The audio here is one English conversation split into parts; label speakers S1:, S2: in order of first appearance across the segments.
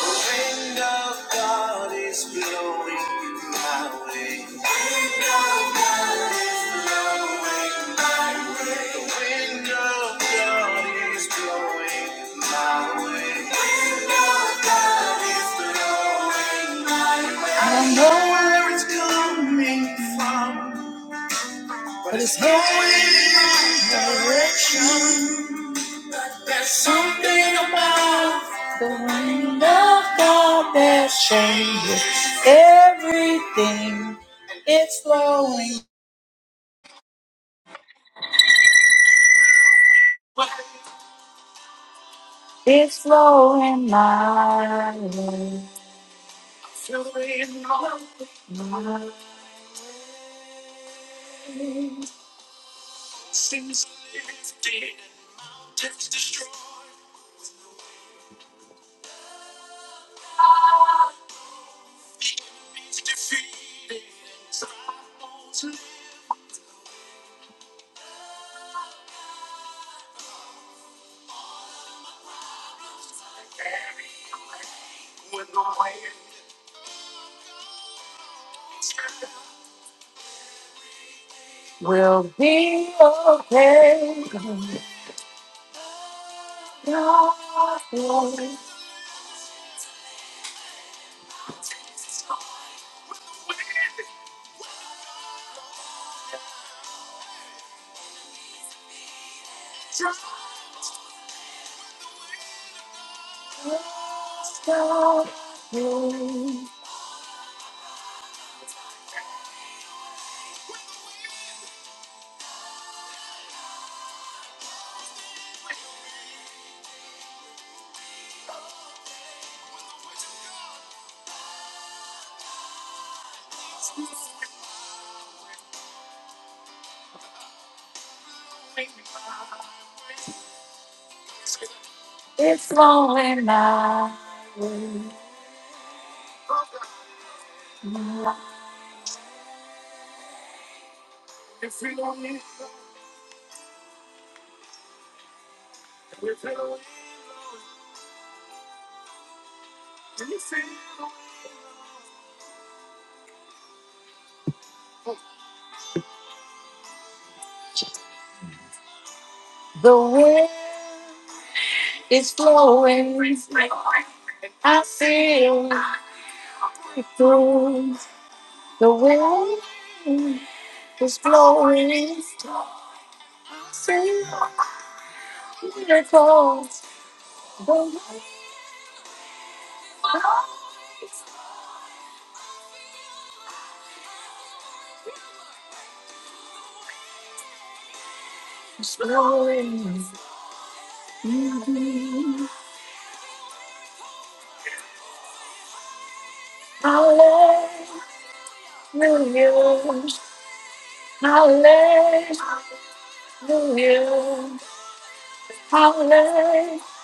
S1: The wind of God is blowing my way. Wind of God is blowing my way. The wind of God is blowing my way. I don't know where it's coming from, but it's going in my direction. There's something about the wind of God that changes everything. It's flowing, it's flowing my way. Flowing my way. Seems lifted, takes the strong, is defeated. Trials live When the winds will be okay. God's glory. Stop me. It's flowing my way. The wind is blowing. I feel it through. The wind is blowing. I see miracles. The wind Slowly, hallelujah, hallelujah, hallelujah,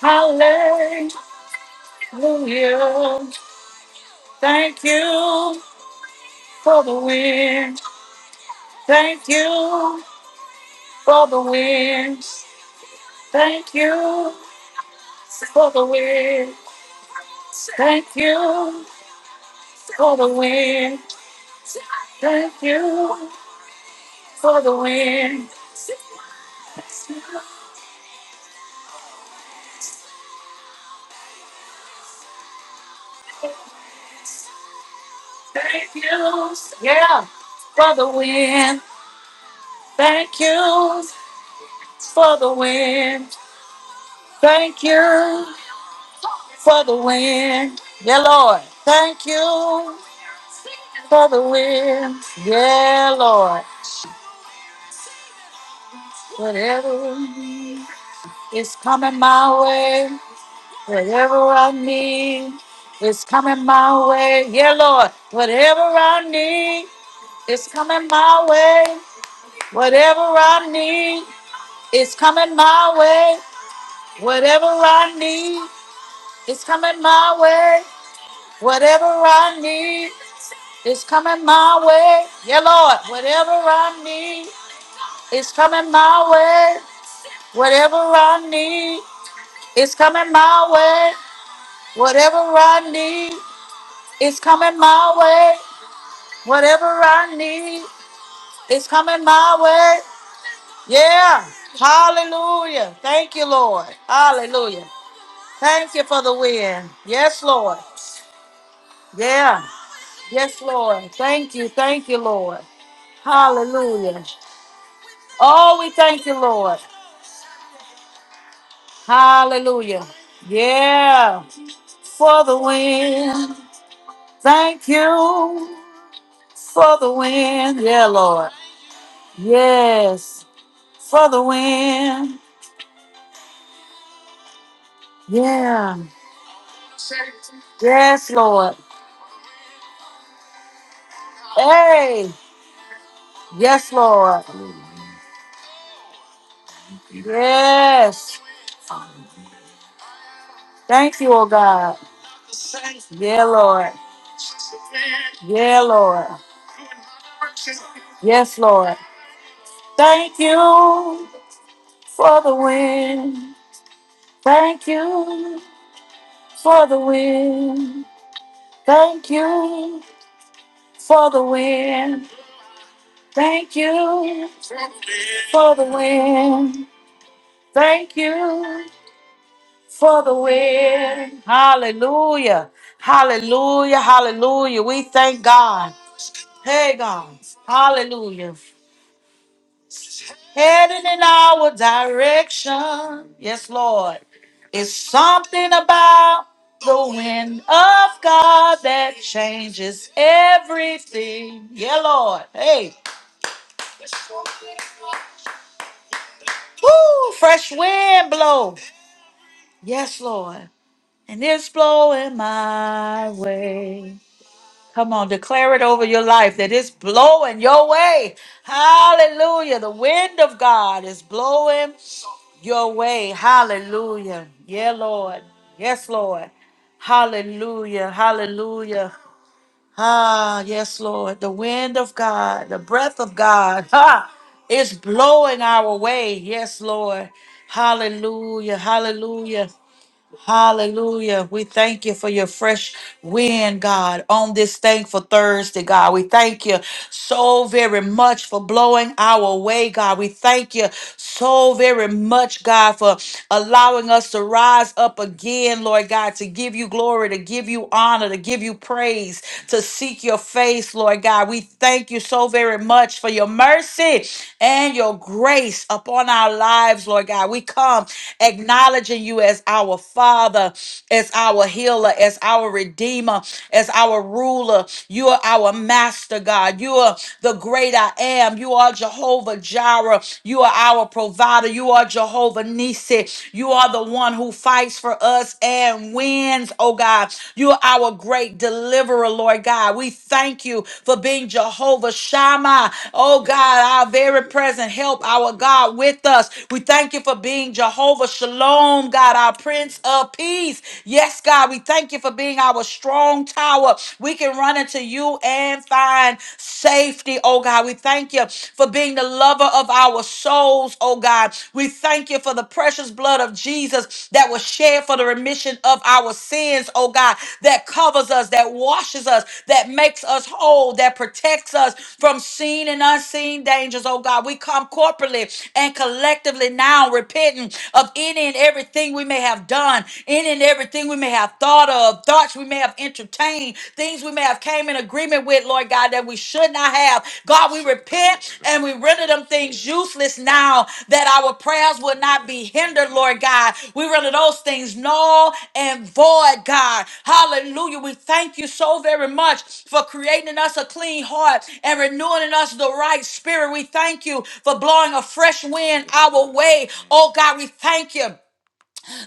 S1: hallelujah. Thank you for the wind. Thank you for the wind. Thank you for the wind. Thank you for the wind. Thank you for the wind. Thank you. Yeah. For the win. Thank you. For the win. Thank you. For the win. Yeah, Lord. Thank you. For the win. Yeah, Lord. Whatever is coming my way, whatever I need is coming my way. Yeah, Lord. Whatever I need is coming my way. Whatever I need It's coming my way. Whatever I need, it's coming my way. Whatever I need, it's coming my way. Yeah, Lord. Whatever I need, it's coming my way. Whatever I need, it's coming my way. Whatever I need, it's coming my way. Whatever I need, it's coming my way. Yeah. Hallelujah. Thank you, Lord. Hallelujah. Thank you for the win. Yes, Lord. Yeah. Yes, Lord. Thank you. Thank you, Lord. Hallelujah. Oh, we thank you, Lord. Hallelujah. Yeah. For the win. Thank you for the win. Yeah, Lord. Yes. For the win. Yeah. Yes, Lord. Hey. Yes, Lord. Yes. Thank you, oh God. Yeah, Lord. Yeah, Lord. Yes, Lord. Thank you for the win. Thank you for the win. Thank you for the win. Thank you for the win. Thank you for the win. Hallelujah. Hallelujah. Hallelujah. We thank God. Hey, God. Hallelujah. heading in our direction. Yes, Lord. It's something about the wind of God that changes everything. Yeah, Lord. Hey, woo, fresh wind blow. Yes, Lord. And it's blowing my way. Come on, declare it over your life that it's blowing your way. Hallelujah. The wind of God is blowing your way. Hallelujah. Yeah, Lord. Yes, Lord. Hallelujah. Hallelujah. Ah, yes, Lord. The wind of God, the breath of God, ha, is blowing our way. Yes, Lord. Hallelujah. Hallelujah. Hallelujah. We thank you for your fresh wind, God, on this thankful Thursday, God. We thank you so very much for blowing our way, God. We thank you so very much, God, for allowing us to rise up again, Lord God, to give you glory, to give you honor, to give you praise, to seek your face, Lord God. We thank you so very much for your mercy and your grace upon our lives, Lord God. We come acknowledging you as our our Father, as our healer, as our redeemer, as our ruler. You are our master, God. You are the great I am. You are Jehovah Jireh. You are our provider. You are Jehovah Nisi. You are the one who fights for us and wins, oh God. You are our great deliverer, Lord God. We thank you for being Jehovah Shammah, oh God, our very present help, our God with us. We thank you for being Jehovah Shalom, God. God, Prince of Peace. Yes, God, we thank you for being our strong tower. We can run into you and find safety, oh God. We thank you for being the lover of our souls, oh God. We thank you for the precious blood of Jesus that was shed for the remission of our sins, oh God, that covers us, that washes us, that makes us whole, that protects us from seen and unseen dangers, oh God. We come corporately and collectively now repenting of any and everything everything we may have done, in and everything we may have thought of, thoughts we may have entertained, things we may have came in agreement with, Lord God, that we should not have. God, we repent and we render them things useless now that our prayers will not be hindered, Lord God. We render those things null and void, God. Hallelujah. We thank you so very much for creating in us a clean heart and renewing in us the right spirit. We thank you for blowing a fresh wind our way. Oh God, we thank you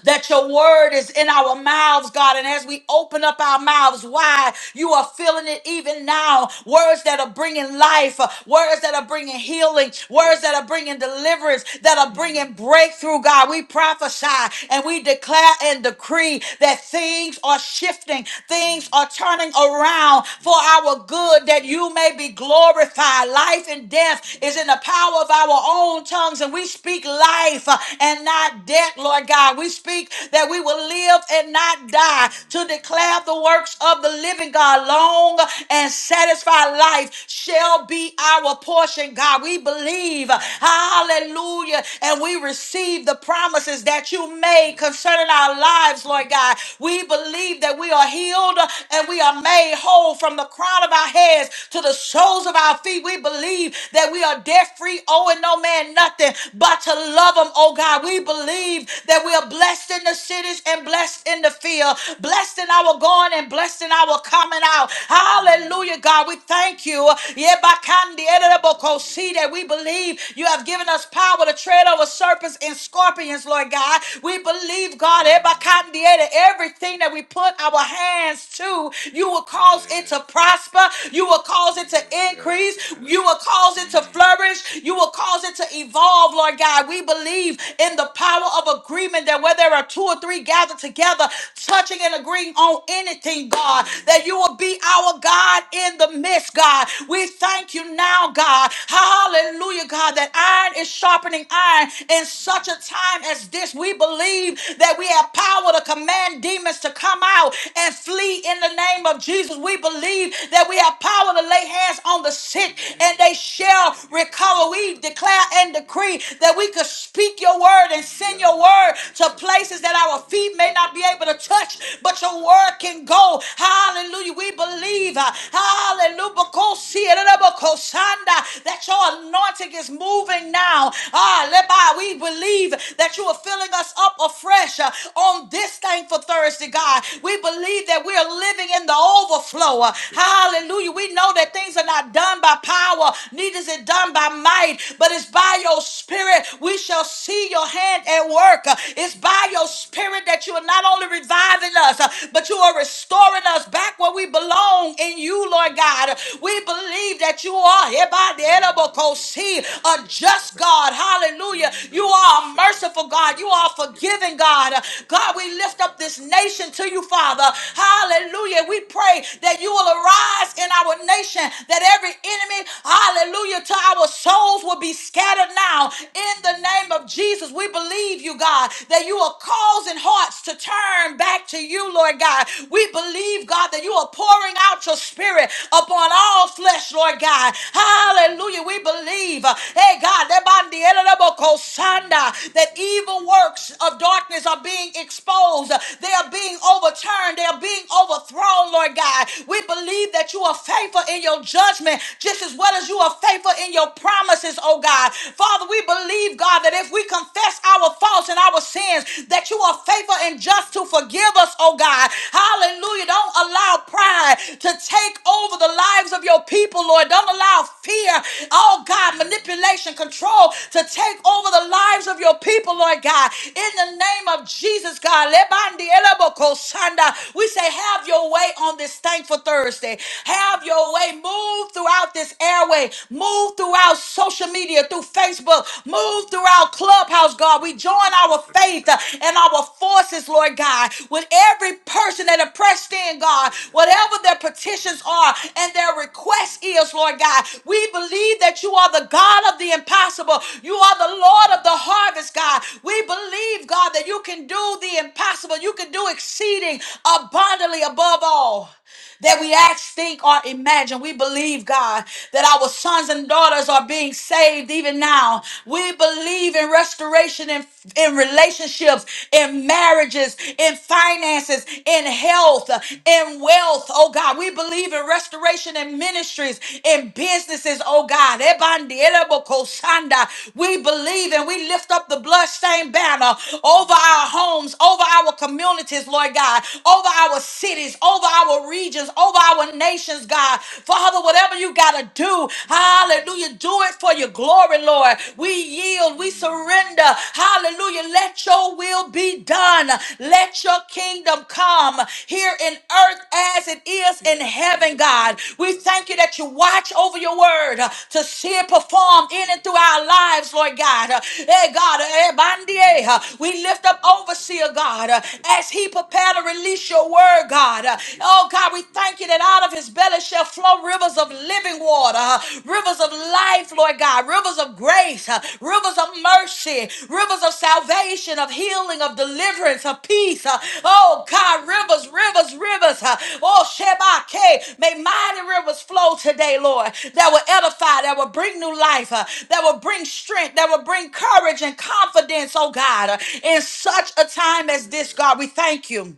S1: that your word is in our mouths, God. And as we open up our mouths, wide, You are feeling it even now. Words that are bringing life, uh, words that are bringing healing, words that are bringing deliverance, that are bringing breakthrough, God. We prophesy and we declare and decree that things are shifting, things are turning around for our good, that you may be glorified. Life and death is in the power of our own tongues, and we speak life uh, and not death elect, Lord God. We speak that we will live and not die to declare the works of the living God. Long and satisfied life shall be our portion, God. We believe, hallelujah, and we receive the promises that you made concerning our lives, Lord God. We believe that we are healed and we are made whole from the crown of our heads to the soles of our feet. We believe that we are debt free, owing no man nothing but to love Him, oh oh God. We believe that we are blessed in the cities and blessed in the field, blessed in our going and blessed in our coming out. Hallelujah, God. We thank you. Yebakandi ereboko. See that we believe you have given us power to tread over serpents and scorpions, Lord God. We believe, God, ebakandi ere, everything that we put our hands to, you will cause it to prosper. You will cause it to increase. You will cause it to flourish. You will cause it to evolve, Lord. Lord God. We believe in the power of agreement that where there are two or three gathered together, touching and agreeing on anything, God, that you will be our God in the midst, God. We thank you now, God. Hallelujah, God, that iron is sharpening iron in such a time as this. We believe that we have power to command demons to come out and flee in the name of Jesus. We believe that we have power to lay hands on the sick and they shall recover. We declare declare and decree that we could speak your word and send your word to places that our feet may not be able to touch, but your word can go. Hallelujah. We believe. uh, Hallelujah. Bokosi, erebokosanda, That your anointing is moving now. Ah, leba, we believe that you are filling us up afresh uh, on this thankful Thursday, God. We believe that we are living in the overflow. uh, Hallelujah. We know that things are not done by power, neither is it done by by might, but it's by your spirit we shall see your hand at work. Uh, It's by your spirit that you are not only reviving us, uh, but you are restoring us back where we belong in you, Lord God. Uh, We believe that you are here by the edible see a just God. Hallelujah. You are a merciful God. You are a forgiving God. Uh, God, we lift up this nation to you, Father. Hallelujah. We pray that you will arise in our nation, that every enemy, Hallelujah. To our souls will be scattered now. In the name of Jesus, we believe you, God, that you are causing hearts to turn back to you, Lord God. We believe, God, that you are pouring out your spirit upon all flesh, Lord God. Hallelujah. We believe, uh, hey, God, that by the end of the book, Hosanna, that evil works of darkness are being exposed. They are being overturned. They are being overthrown, Lord God. We believe that you are faithful in your judgment judgment just as well as you are faithful in your promises, oh God. Father, we believe, God, that if we confess our faults and our sins, that you are faithful and just to forgive us, oh God. Hallelujah. Don't allow pride to take over the lives of your people, Lord. Don't allow fear, oh God, manipulation, control to take over the lives of your people, Lord God. In the name of Jesus, God, Lebandi elebo kosanda. we say, Have your way on this thankful Thursday. Have your your way. Move throughout this airway. Move throughout social media, through Facebook. Move throughout Clubhouse, God. We join our faith uh, and our forces, Lord God, with every person that are pressed in, God, whatever their petitions are and their request is, Lord God. We believe that you are the God of the impossible. You are the Lord of the harvest, God. We believe, God, that you can do the impossible. You can do exceeding abundantly above all that we ask, think, or imagine. We believe, God, that our sons and daughters are being saved even now. We believe in restoration in, in relationships, in marriages, in finances, in health, in wealth, oh God. We believe in restoration in ministries, in businesses, oh God. Ebandi, eleboko, sanda. We believe and we lift up the bloodstained banner over our homes, over our communities, Lord God, over our cities, over our regions, over our nations, God. Father, whatever you got to do, hallelujah, do it for your glory, Lord. We yield, we surrender, hallelujah. Let your will be done, let your kingdom come here in earth as it is in heaven, God. We thank you that you watch over your word uh, to see it performed in and through our lives, Lord God. Uh, Hey, God, eh, bandie, uh, we lift up overseer, God, uh, as he prepared to release your word your word, God. Uh, Oh, God, we thank you that out of his belly shall flow rivers of living water, uh, rivers of life, Lord God, rivers of grace, uh, rivers of mercy, rivers of salvation, of healing, of deliverance, of peace. uh, Oh, God, rivers, rivers, rivers. uh, Oh, Shebake, may mighty rivers flow today, Lord, that will edify, that will bring new life, uh, that will bring strength, that will bring courage and confidence, oh, God, uh, in such a time as this, God. We thank you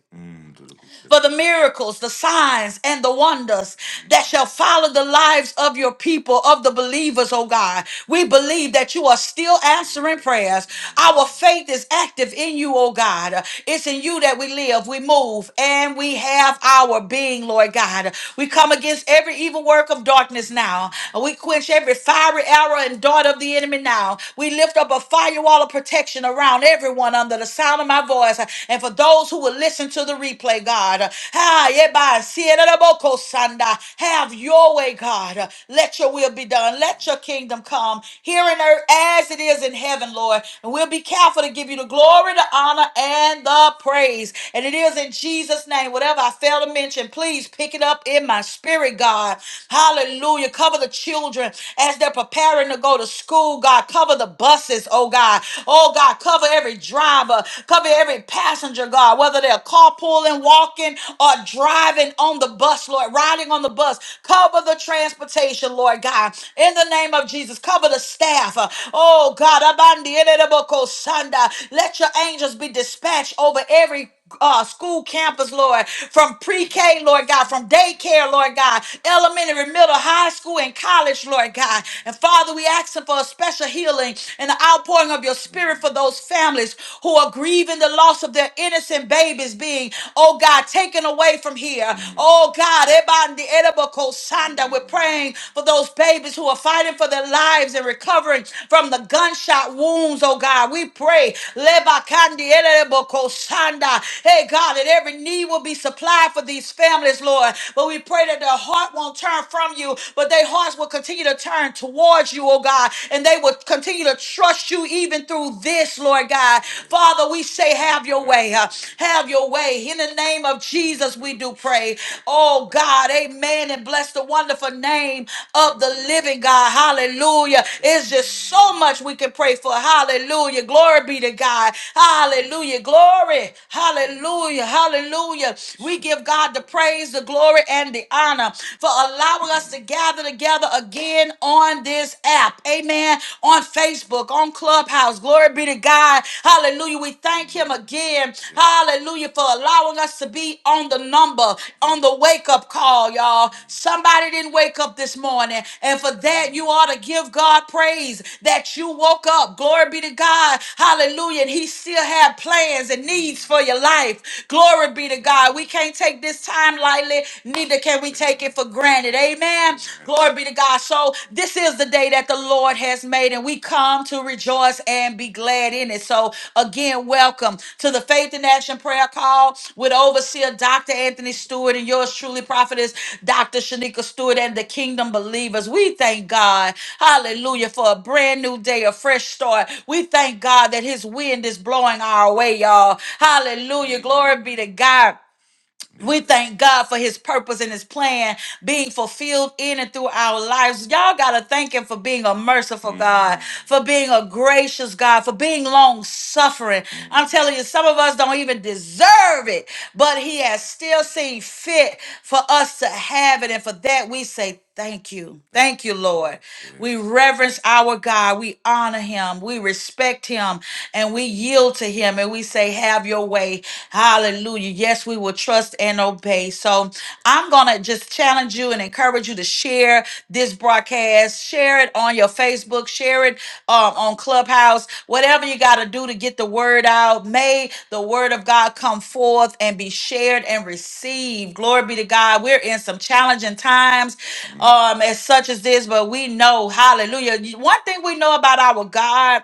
S1: for the miracles, the signs, and the wonders that shall follow the lives of your people, of the believers, oh God. We believe that you are still answering prayers. Our faith is active in you, oh God. It's in you that we live, we move, and we have our being, Lord God. We come against every evil work of darkness now. We quench every fiery arrow and dart of the enemy now. We lift up a firewall of protection around everyone under the sound of my voice, and for those who will listen to the replay, God, uh, ah, yebba, sieraboko sanda, have your way, God. Uh, Let your will be done. Let your kingdom come here on earth as it is in heaven, Lord. And we'll be careful to give you the glory, the honor, and the praise. And it is in Jesus' name. Whatever I fail to mention, please pick it up in my spirit, God. Hallelujah. Cover the children as they're preparing to go to school, God. Cover the buses, oh God. Oh God, cover Cover every driver, cover every passenger, God, whether they're carpooling, walking, or driving on the bus, Lord, riding on the bus. Cover the transportation, Lord God, in the name of Jesus. Cover the staff. Uh, Oh God, Abandi Ereboko Sanda. let your angels be dispatched over every uh, school campus, Lord, from pre K, Lord God, from daycare, Lord God, elementary, middle, high school, and college, Lord God. And Father, we asking for a special healing and the outpouring of your spirit for those families who are grieving the loss of their innocent babies being, oh God, taken away from here. Oh God, Ebandi Edeboko Sanda, we're praying for those babies who are fighting for their lives and recovering coverage from the gunshot wounds, oh God. We pray, Lebakandi elebokosanda. hey God, that every need will be supplied for these families, Lord. But we pray that their heart won't turn from you, but their hearts will continue to turn towards you, oh God, and they will continue to trust you even through this, Lord God. Father, we say, have your way, huh? have your way. In the name of Jesus, we do pray. Oh oh God. Amen. And bless the wonderful name of the living God. Hallelujah. It's just so much we can pray for. Hallelujah. Glory be to God. Hallelujah. Glory. Hallelujah. Hallelujah. We give God the praise, the glory, and the honor for allowing us to gather together again on this app. Amen. On Facebook, on Clubhouse. Glory be to God. Hallelujah. Hallelujah. We thank him again. Hallelujah for allowing us to be on the number, on the wake up call, y'all. Somebody didn't wake up this morning. And for that, you ought to give God praise that you woke up. Glory be to God. Hallelujah. And he still had plans and needs for your life. Glory be to God. We can't take this time lightly, neither can we take it for granted. Amen. Glory be to God. So so this is the day that the Lord has made, and we come to rejoice and be glad in it. So again, welcome to the Faith in Action Prayer Call with Overseer Dr. Anthony Stewart and yours truly, Prophetess Dr. Shanika Stewart and the Kingdom Believers. We thank God, Hallelujah, for a brand new day, a fresh start. We thank God that His wind is blowing our way, y'all. Hallelujah, glory be to God. We thank God for his purpose and his plan being fulfilled in and through our lives. Y'all got to thank him for being a merciful God, for being a gracious God, for being long suffering. I'm telling you, some of us don't even deserve it, but he has still seen fit for us to have it. And for that, we say Thank you. Thank you, Lord. We Yes. reverence our God. We honor him. We respect him and we yield to him and we say, Have your way. Hallelujah. Yes, we will trust and obey. So I'm going to just challenge you and encourage you to share this broadcast. Share it on on your Facebook, share it um, on Clubhouse, whatever you got to do to get the word out. May the word of God come forth and be shared and received. Glory be to God. We're in some challenging times um, as such as this, but we know, hallelujah. One thing we know about our God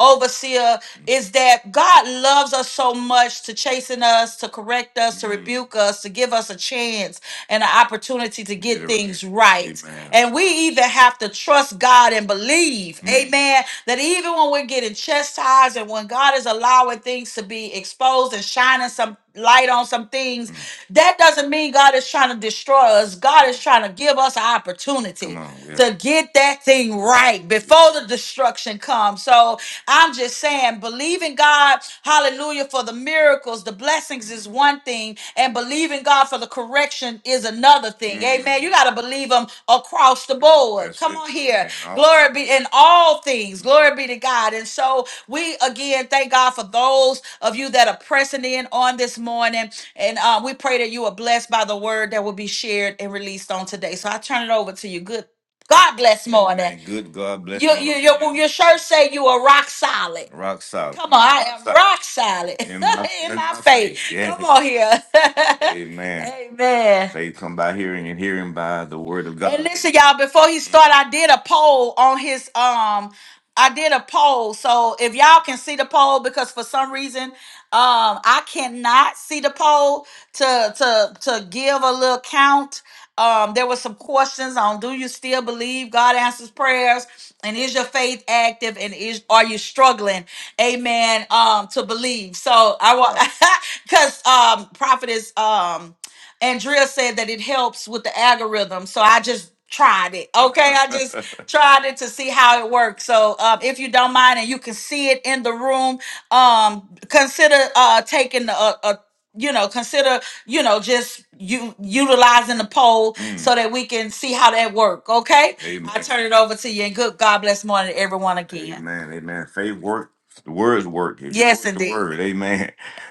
S1: overseer, is that God loves us so much to chasten us, to correct us, to Mhm. rebuke us, to give us a chance and an opportunity to get Get it right. things right. Amen. And we even have to trust God and believe, Mm. amen, that even when we're getting chastised and when God is allowing things to be exposed and shining some light on some things, Mm. that doesn't mean God is trying to destroy us. God is trying to give us an opportunity Come on, yeah. to get that thing right before the destruction comes. So I'm just saying, believing God, hallelujah, for the miracles, the blessings is one thing, and believing God for the correction is another thing. Mm. Amen. You got to believe Him across the board. That's Come it. on here. In all Glory be in all things. Glory be to God. And so we again thank God for those of you that are pressing in on this morning. And uh, we pray that you are blessed by the word that will be shared and released on today. So I turn it over to you. Good God bless morning. Amen. Good God bless You, you, morning. you, your shirt say you are rock solid. Rock solid. Come on, I am solid. rock solid solid. In my in in my my faith. faith. Yes. Come Yes. on here. Amen. Amen. Faith come by hearing and hearing by the word of God. And listen, y'all, before he Amen. started, I did a poll on his um I did a poll. So if y'all can see the poll, because for some reason, um, I cannot see the poll to to to give a little count. Um, there were some questions on do you still believe God answers prayers? And is your faith active? And is are you struggling? Amen. Um, to believe. So I want because um prophet is um Andrea said that it helps with the algorithm. So I just tried it. Okay. I just tried it to see how it works. So um, if you don't mind and you can see it in the room, um, consider uh, taking a, a you know, consider, you know, just you utilizing the poll Mm, so that we can see how that work. Okay. I amen. turn it over to you and good God bless morning to everyone again. Amen. Amen. Faith work. The words work. If you Yes, work the indeed. word, amen.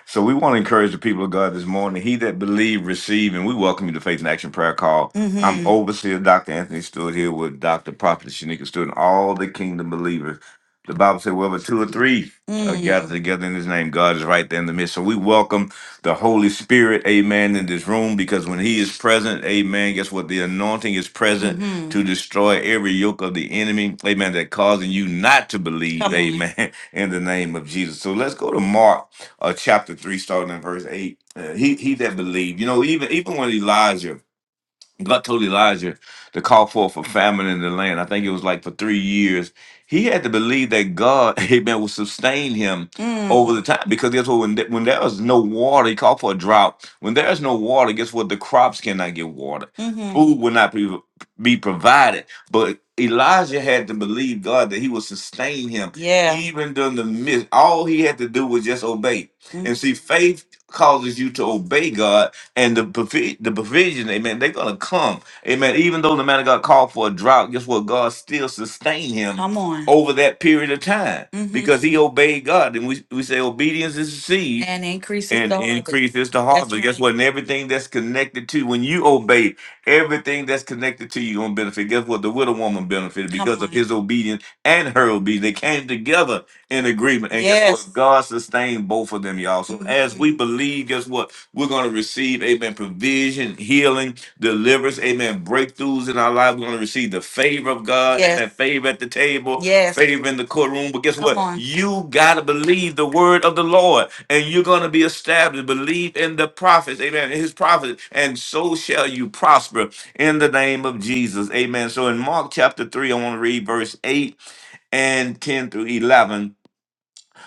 S1: So we want to encourage the people of God this morning. He that believe, receive, and we welcome you to Faith and Action Prayer Call. I'm Mm-hmm. overseer Dr. Anthony Stewart here with Dr. Prophet Shanika Stewart and all the kingdom believers. The Bible said, wherever two or three are gathered Mm. together in his name, God is right there in the midst. So we welcome the Holy Spirit, amen, in this room because when he is present, amen, guess what? The anointing is present Mm-hmm. to destroy every yoke of the enemy, amen, that causing you not to believe, Come on. amen, in the name of Jesus. So let's go to Mark uh, chapter three, starting in verse eight. Uh, he he that believed, you know, even even when Elijah God told Elijah to call forth a famine in the land. I think it was like for three years. He had to believe that God, amen, would sustain him Mm. over the time. Because guess what? When, th- when there is no water, he called for a drought. When there is no water, guess what? The crops cannot get water. hmm Food will not be, be provided. But Elijah had to believe God that he would sustain him Yeah. even during the midst. All he had to do was just obey. Mm. And see, faith causes you to obey God and the provi- the provision, amen, they're gonna come. Amen. Even though the man of God called for a drought, guess what? God still sustained him Come on. over that period of time hmm because he obeyed God. And we, we say obedience is the seed And increases and the harvest. increase is the That's harvest. Guess right. what? And everything that's connected to when you obey, everything that's connected to you gonna benefit. Guess what? The widow woman benefited Come because of on. his obedience and her obedience. They came together in agreement. And guess what? Yes. God sustained both of them, y'all. So as we Mhm. believe, guess what? We're going to receive, amen, provision, healing, deliverance, amen, breakthroughs in our life. We're going to receive the favor of God, Yes. amen, favor at the table, Yes. favor in the courtroom. But guess Come what? on. You got to believe the word of the Lord and you're going to be established. Believe in the prophets, amen, in his prophets, and so shall you prosper in the name of Jesus, amen. So in Mark chapter 3, I want to read verse 8 and 10 through 11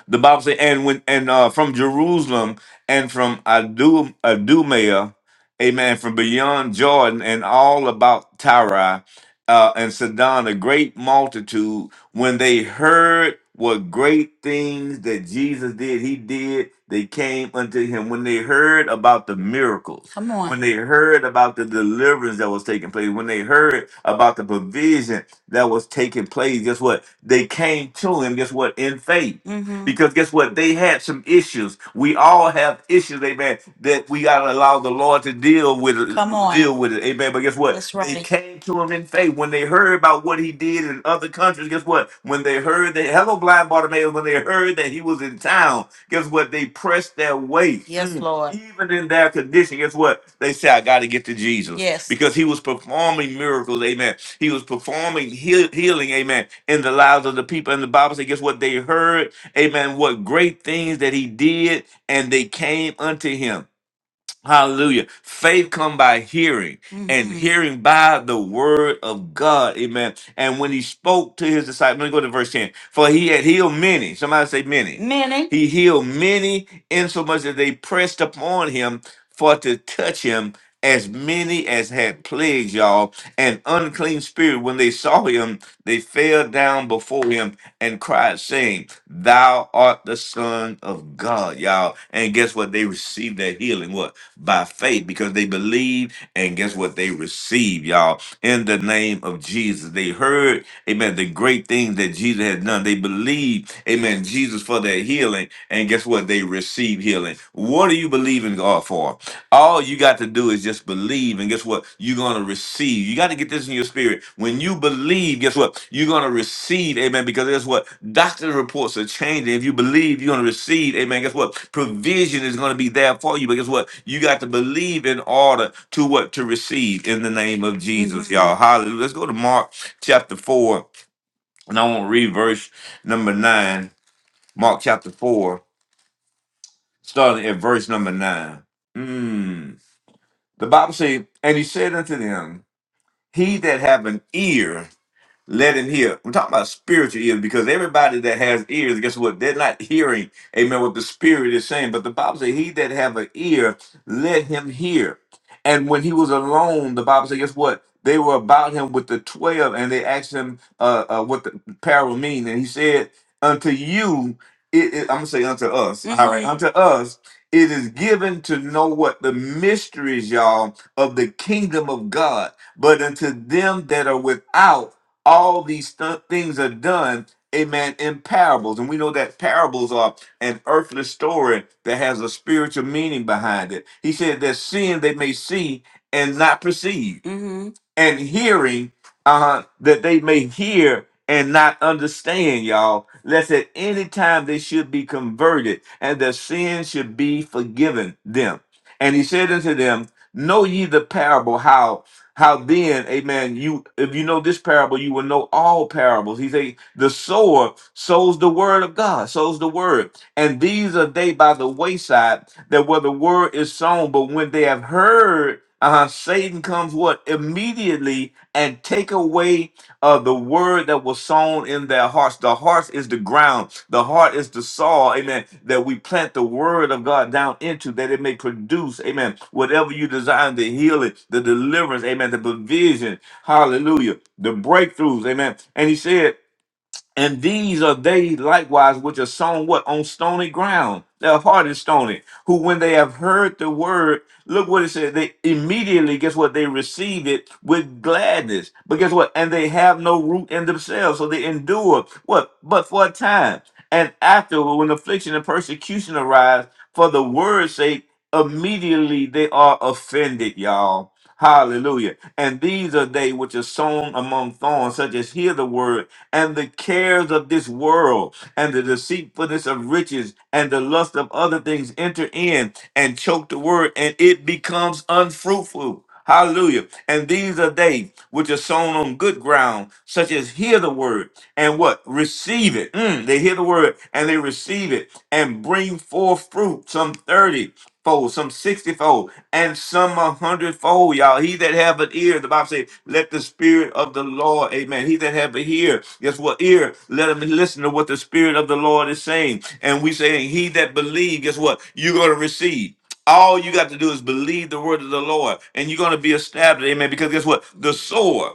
S1: the Bible says, and when and uh, from Jerusalem and from Adum, Adumea, amen, from beyond Jordan and all about Tyre uh, and Sidon, a great multitude when they heard what great things that Jesus did, he did, they came unto him. When they heard about the miracles, Come on. when they heard about the deliverance that was taking place, when they heard about the provision that was taking place, guess what? They came to him, guess what? In faith. Mm-hmm. Because guess what? They had some issues. We all have issues, amen, that we got to allow the Lord to deal deal with it, Come on. deal with it. Amen. But guess what? That's right. They right. came to him in faith when they heard about what he did in other countries. Guess what? When they heard that hello blind Bartimaeus, when they heard that he was in town, guess what? They pressed their way. Yes, Mm. Lord. Even in their condition, guess what? They said, I got to get to Jesus Yes. because he was performing miracles. Amen. He was performing heal- healing. Amen. In the lives of the people. And the Bible said, guess what? They heard, amen, what great things that he did and they came unto him. Hallelujah. Faith come by hearing and hmm hearing by the word of God. Amen. And when he spoke to his disciples, let me go to verse 10. For he had healed many. Somebody say many. Many. He healed many insomuch that they pressed upon him for to touch him as many as had plagues, y'all. And unclean spirit, when they saw him, they fell down before him and cried, saying, Thou art the son of God, y'all. And guess what? They received that healing. What? by faith because they believed and guess what? They received, y'all, in the name of Jesus. They heard, amen, the great things that Jesus had done. They believed, amen, Jesus for their healing. And guess what? They received healing. What are you believing God for? All you got to do is just believe. And guess what? You're going to receive. You got to get this in your spirit. When you believe, guess what? You're gonna receive, amen, because guess what? Doctor's reports are changing. If you believe, you're gonna receive, amen. Guess what? Provision is gonna be there for you. But guess what? You got to believe in order to what to receive in the name of Jesus, y'all. Hallelujah. Let's go to Mark chapter four, and I want to read verse number nine. Mark chapter four, starting at verse number nine. Mm. The Bible says, and he said unto them, He that have an ear, let him hear. I'm talking about spiritual ears because everybody that has ears, guess what? They're not hearing, amen, what the spirit is saying. But the Bible says, he that have an ear, let him hear. And when he was alone, the Bible says, guess what? They were about him with the 12 and they asked him uh, uh, what the parable mean. And he said, unto you, it, it- I'm going to say unto us, all right, Mhm. unto us, it is given to know what the mysteries, y'all, of the kingdom of God. But unto them that are without, all these th- things are done amen in parables and we know that parables are an earthly story that has a spiritual meaning behind it he said that seeing they may see and not perceive hmm and hearing uh that they may hear and not understand y'all lest at any time they should be converted and their sins should be forgiven them and he said unto them know ye the parable how how then, amen, you if you know this parable, you will know all parables. He say the sower sows the word of God, sows the word. And these are they by the wayside that where the word is sown, but when they have heard, uh, Satan comes what? Immediately and take away uh, the word that was sown in their hearts. The heart is the ground. The heart is the soil. Amen. That we plant the word of God down into that it may produce. Amen. Whatever you design, the healing, the deliverance. Amen. The provision. Hallelujah. The breakthroughs. Amen. And he said. And these are they likewise which are sown what? On stony ground. Their heart is stony. Who, when they have heard the word, look what it says. They immediately, guess what? They receive it with gladness. But guess what? And they have no root in themselves. So they endure what? But for a time. And afterward, when affliction and persecution arise for the word's sake, immediately they are offended, y'all. Hallelujah. And these are they which are sown among thorns, such as hear the word and the cares of this world and the deceitfulness of riches and the lust of other things enter in and choke the word and it becomes unfruitful. Hallelujah. And these are they which are sown on good ground, such as hear the word and what? Receive it. Mm, they hear the word and they receive it and bring forth fruit, some 30 fold, some 60 fold, and some a hundredfold, y'all. He that have an ear, the Bible says, let the spirit of the Lord, amen. He that have an ear, guess what ear? Let him listen to what the spirit of the Lord is saying. And we saying, he that believe, guess what? You're going to receive. All you got to do is believe the word of the Lord, and you're going to be established, amen. Because guess what? The sower.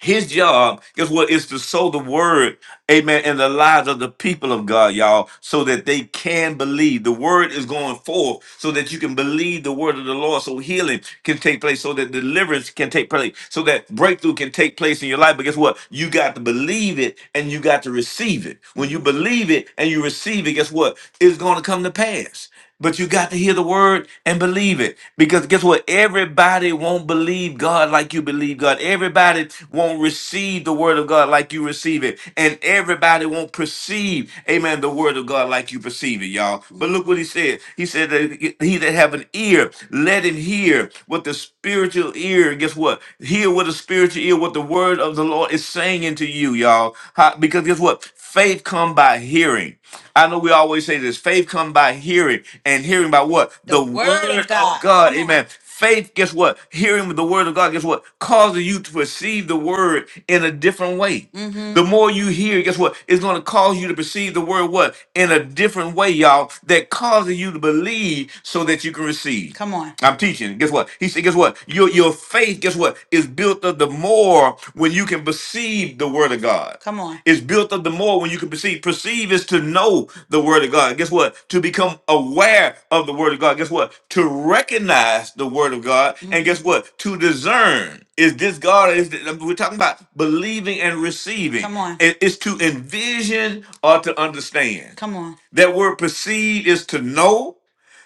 S1: His job, guess what, is to sow the word, amen, in the lives of the people of God, y'all, so that they can believe. The word is going forth so that you can believe the word of the Lord, so healing can take place, so that deliverance can take place, so that breakthrough can take place in your life. But guess what? You got to believe it and you got to receive it. When you believe it and you receive it, guess what? It's going to come to pass. But you got to hear the word and believe it. Because guess what? Everybody won't believe God like you believe God. Everybody won't receive the word of God like you receive it. And everybody won't perceive, amen, the word of God like you perceive it, y'all. But look what he said. He said that he that have an ear, let him hear what the spiritual ear, guess what? Hear with a spiritual ear what the word of the Lord is saying into you, y'all. How- because guess what? Faith come by hearing. I know we always say this. Faith come by hearing, and hearing by what? The The word of word of God. God. Come on. Amen. Faith, guess what? Hearing the word of God, guess what? Causes you to perceive the word in a different way. Mm-hmm. The Mm-hmm. more you hear, guess what? It's going to cause you to perceive the word what? In a different way, y'all, that causes you to believe so that you can receive. Come on. I'm teaching. Guess what? He said, guess what? Your your faith, guess what, is built up the more when you can perceive the word of God. Come on. It's built up the more when you can perceive. Perceive is to know the word of God. Guess what? To become aware of the word of God. Guess what? To recognize the word of God. And hmm guess what? To discern. Is this God? Or is this, we're talking about believing and receiving. Come on. It- It's to envision or to understand. Come on. That word perceive is to know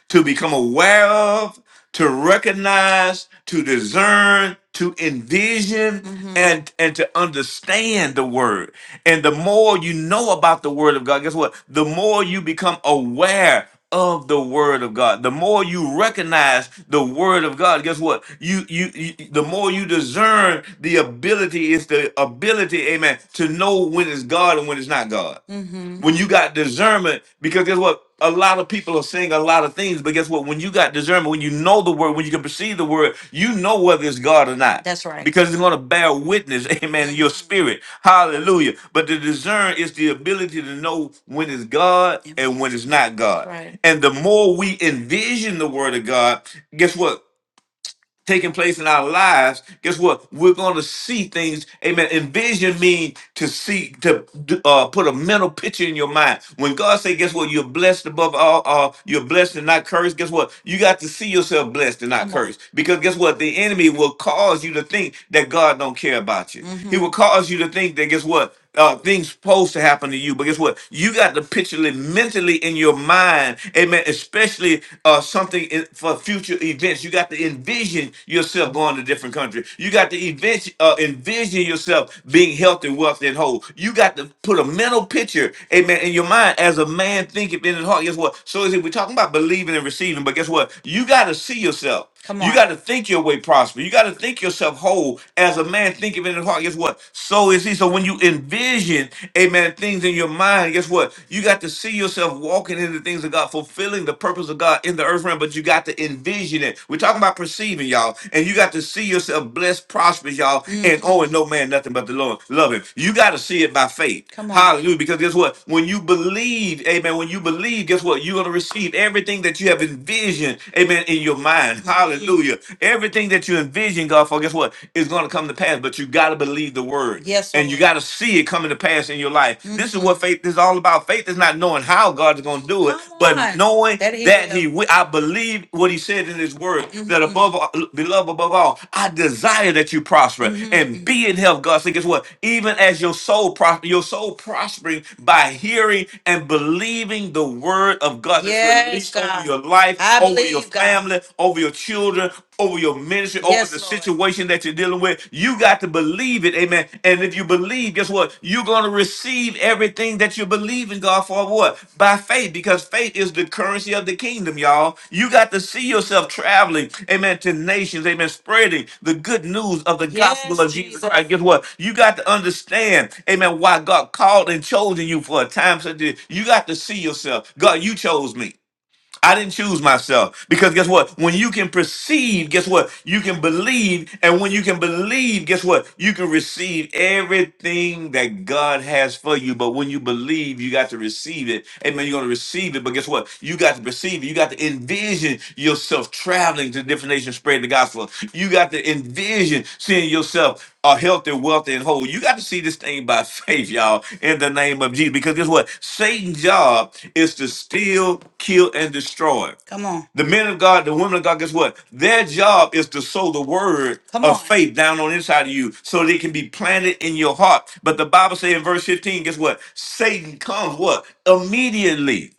S1: to become aware of, to recognize, to discern, to envision, Mm-hmm. and and to understand the word. And the more you know about the word of God, guess what? The more you become aware of the word of God. The more you recognize the word of God, guess what? You you, you the more you discern the ability is the ability, amen, to know when it's God and when it's not God Mm-hmm. when you got discernment because guess what a lot of people are saying a lot of things, but guess what? When you got discernment, when you know the word, when you can perceive the word, you know whether it's God or not. That's right. Because it's going to bear witness, amen, in your spirit. Hallelujah. But to discern is the ability to know when it's God Yep. and when it's not That's God. right. And the more we envision the word of God, guess what? taking place in our lives, guess what? We're going to see things. Amen. Envision means to see, to d- uh, put a mental picture in your mind. When God say, guess what? You're blessed above all. Uh, you're blessed and not cursed. Guess what? You got to see yourself blessed and not Come on. cursed. Because guess what? The enemy will cause you to think that God don't care about you. He Mm-hmm. will cause you to think that guess what? uh, things supposed to happen to you. But guess what? You got to picture it mentally in your mind, amen. Especially uh, something in, for future events. You got to envision yourself going to different country. You got to event, uh, envision yourself being healthy, wealthy, and whole. You got to put a mental picture, amen, in your mind as a man thinketh in his heart. Guess what? So is it we're talking about believing and receiving. But guess what? You got to see yourself. Come You on. got on. to think your way prosper. You got to think yourself whole. As a man thinketh in his heart, guess what? So is he. So when you envision, amen, things in your mind, guess what? You got to see yourself walking in the things of God, fulfilling the purpose of God in the earth realm, but you got to envision it. We're talking about perceiving, y'all. And you got to see yourself blessed, prosperous, y'all, and Mm, owing no man nothing but the Lord. Love him. You got to see it by faith. come on. Hallelujah. Because guess what? When you believe, amen, when you believe, guess what? You're going to receive everything that you have envisioned, amen, that in your mind. Hallelujah. Everything that you envision, God, for guess what? It's going to come to pass, but you got to believe the word Yes, and you Lord. got to see it coming to pass in your life. This is hmm what faith is all about. Faith is not knowing how God is going to do it, Come but on. knowing That he that will. He will. I believe what He said in His word that hmm above, all, beloved above all, I desire that you prosper and hmm be in health. God said, guess what? Even as your soul prosper, your soul prospering by hearing and believing the word of God that's Yes, released over God. your life wife, I over your believe God. family, over your children, over your ministry, over Yes, the Lord. situation that you're dealing with. You got to believe it, amen. And if you believe, guess what? You're going to receive everything that you believe in God for what? By faith, because faith is the currency of the kingdom, y'all. You got to see yourself traveling, amen, to nations, amen, spreading the good news of the gospel Yes, of Jesus Christ. Jesus. Guess what? You got to understand, amen, why God called and chosen you for a time such as this. You got to see yourself. God, you chose me. I didn't choose myself because guess what? When you can perceive, guess what? You can believe. And when you can believe, guess what? You can receive everything that God has for you. But when you believe, you got to receive it. Amen. You're going to receive it. But guess what? You got to perceive it. You got to envision yourself traveling to different nations, spreading the gospel. You got to envision seeing yourself are healthy, wealthy, and whole. You got to see this thing by faith, y'all, in the name of Jesus. Because guess what? Satan's job is to steal, kill, and destroy. Come on. The men of God, the women of God, guess what? Their job is to sow the word Come of on. faith down on the inside of you so that it can be planted in your heart. But the Bible says in verse 15, guess what? Satan comes what? Immediately.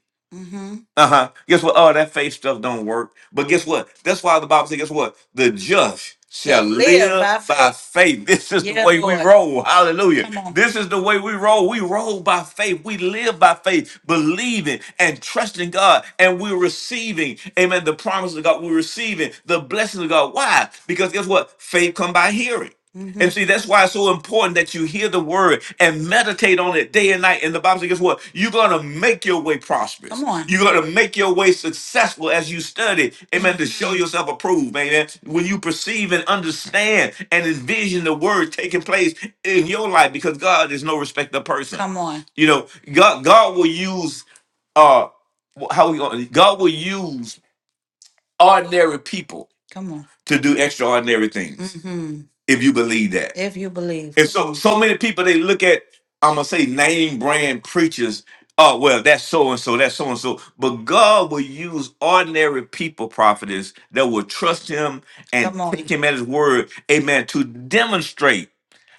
S1: Uh huh. Guess what? Oh, that faith stuff don't work. But guess what? That's why the Bible says, guess what? The just shall Shall live live by by faith. faith. This is the Yeah, way we Lord. roll. Hallelujah. Come on. This is the way we roll. We roll by faith. We live by faith, believing and trusting God. And we're receiving, amen, the promise of God. We're receiving the blessings of God. Why? Because guess what? Faith come by hearing. And see, that's why it's so important that you hear the word and meditate on it day and night. And the Bible says, guess what? You're going to make your way Come prosperous. Come on. You're going to make your way successful as you study. Amen. To show Mhm. yourself approved. Amen. When you perceive and understand and envision the word taking place in your life, because God is no respecter of person. Come on. You know, God, God will use, uh, how we going? God will use ordinary people Come on. to do extraordinary things hmm if you believe that. If you believe. And so so many people they look at I'm gonna say name brand preachers. Oh well, that's so and so, that's so and so. But God will use ordinary people, prophetess, that will trust Him and Come on. take Him at His word, Amen, to demonstrate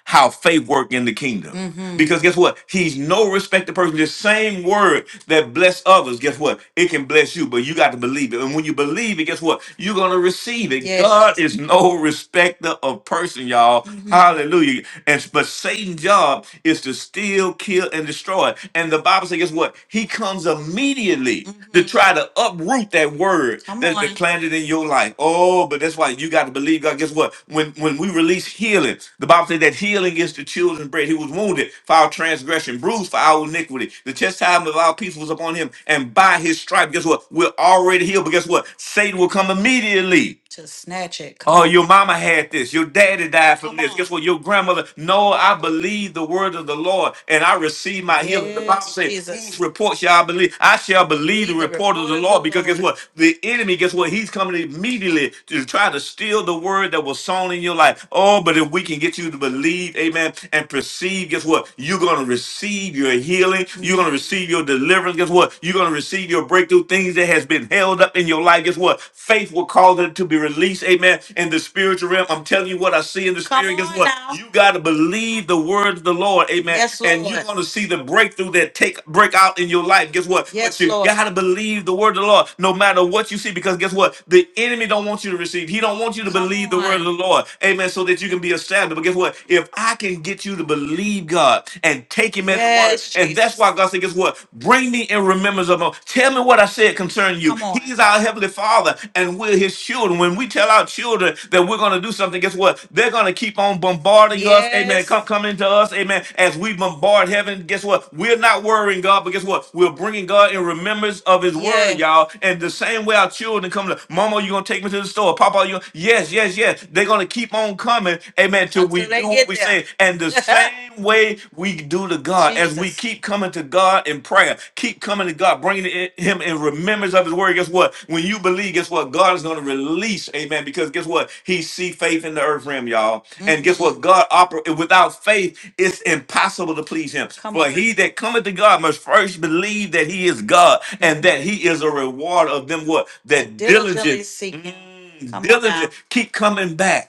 S1: how faith work in the kingdom. hmm Because guess what? He's no respected person. The same word that bless others, guess what? It can bless you, but you got to believe it. And when you believe it, guess what? You're gonna receive it. Yes. God is no respecter of person, y'all. hmm Hallelujah. And but Satan's job is to steal, kill, and destroy. And the Bible says, guess what? He comes immediately to hmm try to uproot that word Come that's been on. planted in your life. Oh, but that's why you got to believe God. Guess what? When when we release healing, healing. The Bible says that healing is the children's bread. He was wounded for our transgression, bruised for our iniquity. The chastisement of our peace was upon him, and by his stripe, guess what? We're already healed. But guess what? Satan will come immediately. To snatch it. Come Oh, on. your mama had this. Your daddy died from Come this. on. Guess what? Your grandmother. No, I believe the word of the Lord and I receive my healing. The Bible Yes, says, whose Jesus. report shall I believe? I shall believe the Believe the report of report the of the Lord because guess Lord. what? The enemy, guess what? He's coming immediately to try to steal the word that was sown in your life life. Oh, but if we can get you to believe, amen, and perceive, guess what? You're going to receive your healing. You're going to receive your deliverance. Guess what? You're going to receive your breakthrough. Things that has been held up in your life. Guess what? Faith will cause it to be released, amen, in the spiritual realm. I'm telling you what I see in the Come spirit. Guess on what? now. You got to believe the word of the Lord, amen, Yes, and you're Lord. going to see the breakthrough that take break out in your life. Guess what? But Yes, you Lord. got to believe the word of the Lord no matter what you see because guess what? The enemy don't want you to receive. He don't want you to Come believe the word on word of the Lord. Amen. So that you can be established. But guess what? If I can get you to believe God and take him at his word, Yes, and that's Jesus. why God said, guess what? Bring me in remembrance of him. Tell me what I said concerning you. Come on. He's our heavenly father, and we're his children. When we tell our children that we're going to do something, guess what? They're going to keep on bombarding us. Amen. Come Yes. coming to us. Amen. As we bombard heaven, guess what? We're not worrying God, but guess what? We're bringing God in remembrance of his word, Yes. y'all. And the same way our children come to, Mama, you going to take me to the store. Papa, you, Yes, yes, yes. They're gonna keep on coming, amen, till we until they do what get we there. say. And the same way we do to God, as we Jesus. keep coming to God in prayer, keep coming to God, bringing it- Him in remembrance of His word. Guess what? When you believe, guess what? God is gonna release, amen. Because guess what? He see faith in the earth realm, y'all. And guess Mm-mm. what? God operate without faith, it's impossible to please Him. Come For on. he that cometh to God must first believe that He is God, and that Mm-hmm. He is a reward of them what That that diligent. diligently diligent. seek him. Come diligent, keep coming back.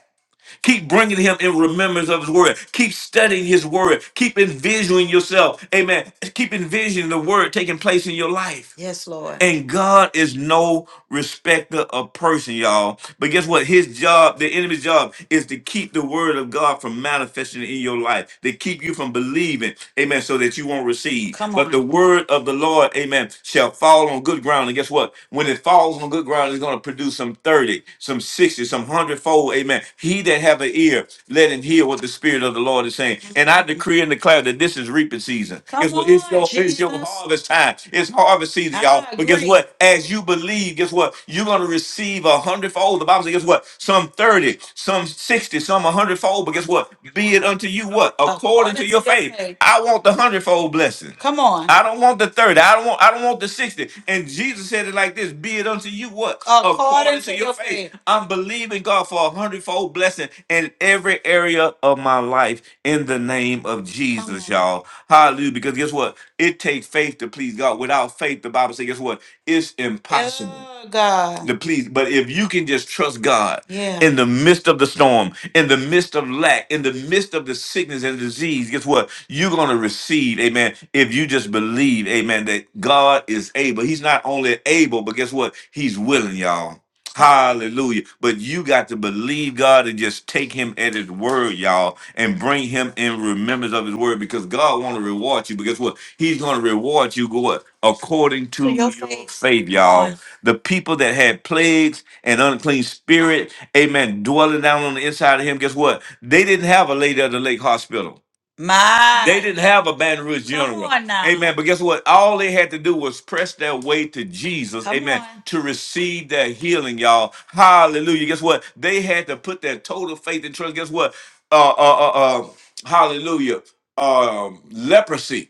S1: Keep bringing him in remembrance of his word. Keep studying his word. Keep envisioning yourself. Amen. Keep envisioning the word taking place in your life. Yes, Lord. And God is no respecter of person, y'all. But guess what? His job, the enemy's job, is to keep the word of God from manifesting in your life, to keep you from believing, amen, so that you won't receive. Come But the on. word of the Lord, amen, shall fall on good ground. And guess what? When it falls on good ground, it's going to produce some 30, some 60, some 100 soul. Amen. He that have an ear, let him hear what the Spirit of the Lord is saying. And I decree and declare that this is reaping season. Come it's, it's on, your, it's your Jesus. harvest time. It's harvest season, y'all. I But guess agree. what? As you believe, guess what? You're going to receive a hundredfold. The Bible says, guess what? Some 30, some 60, some a hundredfold. But guess what? Be it unto you what? According According to to your your faith. faith. I want the hundredfold blessing. Come on. I don't want the 30. I don't want I don't want the 60. And Jesus said it like this, be it unto you what? According According to to your your faith. faith. I'm believing God for a hundredfold blessing in every area of my life in the name of Come Jesus, on. y'all. Hallelujah. Because guess what? It takes faith to please God. Without faith, the Bible says, guess what? It's impossible Oh, God. to please. But if you can just trust God Yeah. in the midst of the storm, in the midst of lack, in the midst of the sickness and disease, guess what? You're going to receive, amen, if you just believe, amen, that God is able. He's not only able, but guess what? He's willing, y'all. Hallelujah. But you got to believe God and just take him at his word, y'all, and bring him in remembrance of his word because God want to reward you. Because what? He's going to reward you, go what? According to, your, faith, faith, y'all. Yes. The people that had plagues and unclean spirit, amen, dwelling down on the inside of him, guess what? They didn't have a lady of the lake hospital. My, They My, didn't have a Baton Rouge come General. on now. Amen. But guess what? All they had to do was press their way to Jesus. Come Amen. on. To receive their healing, y'all. Hallelujah. Guess what? They had to put their total faith and trust. Guess what? Uh, uh, uh, uh hallelujah. Um, leprosy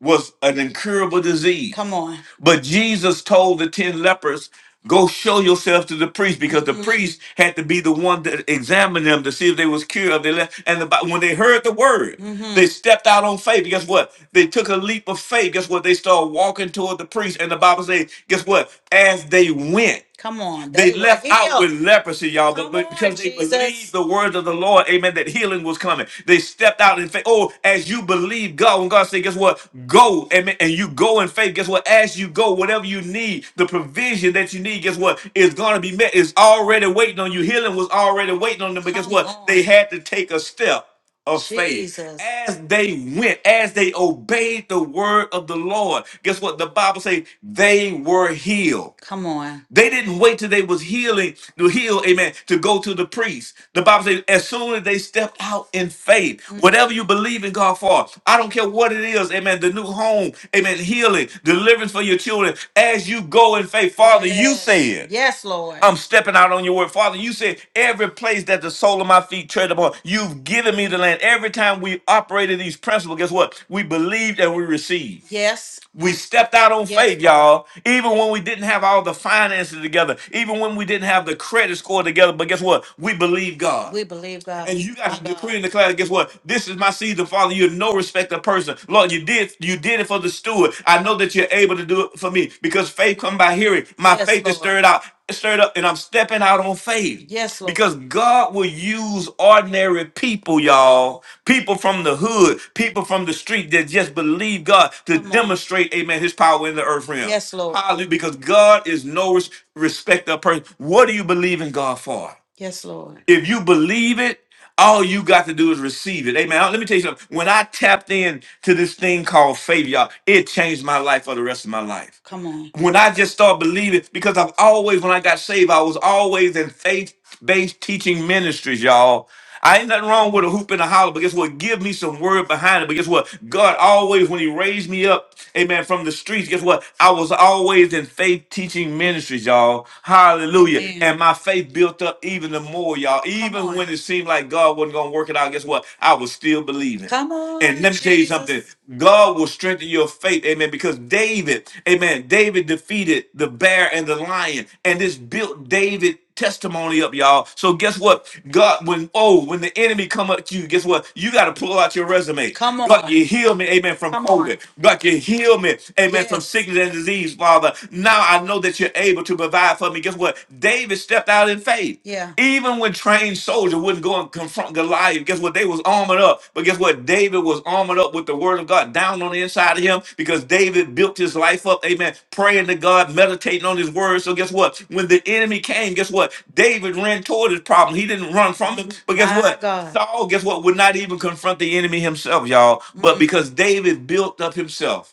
S1: was an incurable disease. Come on. But Jesus told the 10 lepers, go show yourself to the priest because the Mhm. priest had to be the one that examined them to see if they was cured of their left. And the, Bi- when they heard the word, Mhm. they Mhm. stepped out on faith. Guess what? They took a leap of faith. Guess what? They started walking toward the priest. And the Bible says, guess what? As they went. Come on. They They were left out healed. with leprosy, y'all, but, Come but on, because they believed Jesus. the words of the Lord, amen, that healing was coming. They stepped out in faith. Oh, as you believe God, when God said, guess what? Go, amen, and you go in faith, guess what? As you go, whatever you need, the provision that you need, guess what? Is going to be met. It's already waiting on you. Healing was already waiting on them, but guess Come what? They on. had to take a step of faith Jesus. as they went, as they obeyed the word of the Lord. Guess what? The Bible says they were healed. Come on. They didn't wait till they was healing to heal, amen, to go to the priest. The Bible says, as soon as they stepped out in faith, Mm. whatever you believe in God for, I don't don't care what it is. Amen. The new home. Amen. Healing, deliverance for your children as you go in faith. Father, you Yes. said. Yes, Lord. I'm stepping out on your word. Father, you said every place that the sole of my feet tread upon, you've given me the land. Every time we operated these principles, guess what? We believed and we received. Yes. We stepped out on Yes, faith, Lord. y'all. Even when we didn't have all the finances together, even when we didn't have the credit score together, but guess what? We believe God. We believe God. And We you got to believe God. decree and declare, guess what? This is my season, Father. You're no respecter of person. Lord, you did you did it for the steward. I know that you're able to do it for me because faith come by hearing. My Yes, faith is Lord. stirred out straight up and I'm stepping out on faith. Yes, Lord. Because God will use ordinary people, y'all, people from the hood, people from the street that just believe God to Come on. demonstrate, amen, his power in the earth realm. Yes, Lord. Hallelujah. Because God is no res- respecter of person. What do you believe in God for? Yes, Lord. If you believe it, all you got to do is receive it. Amen. Let me tell you something. When I tapped in to this thing called faith, y'all, it changed my life for the rest of my life. Come on. When I just started believing, because I've always, when I got saved, I was always in faith-based teaching ministries, y'all. I ain't nothing wrong with a hoop and a holler, but guess what? Give me some word behind it. But guess what? God always, when He raised me up, amen, from the streets, guess what? I was always in faith teaching ministries, y'all. Hallelujah. Amen. And my faith built up even the more, y'all. Come Even on. when it seemed like God wasn't going to work it out, guess what? I was still believing. Come And on, let me tell you something. Jesus. God will strengthen your faith. Amen. Because David, amen, David defeated the bear and the lion. And this built David testimony up, y'all. So guess what? God, when oh, when the enemy come up to you, guess what? You got to pull out your resume. Come God, on. you heal me, amen, from Come on. COVID. God, you heal me, amen, from Yes. sickness and disease, Father. Now I know that you're able to provide for me. Guess what? David stepped out in faith. Yeah. Even when trained soldiers wouldn't go and confront Goliath, guess what? They were David was armored up. But guess what? David was armored up with the word of God down on the inside of him because David built his life up, amen, praying to God, meditating on his word. So guess what? When the enemy came, guess what? David ran toward his problem. He didn't run from him. But guess My what? God. Saul, guess what, would not even confront the enemy himself, y'all. But Mm-mm. because David built up himself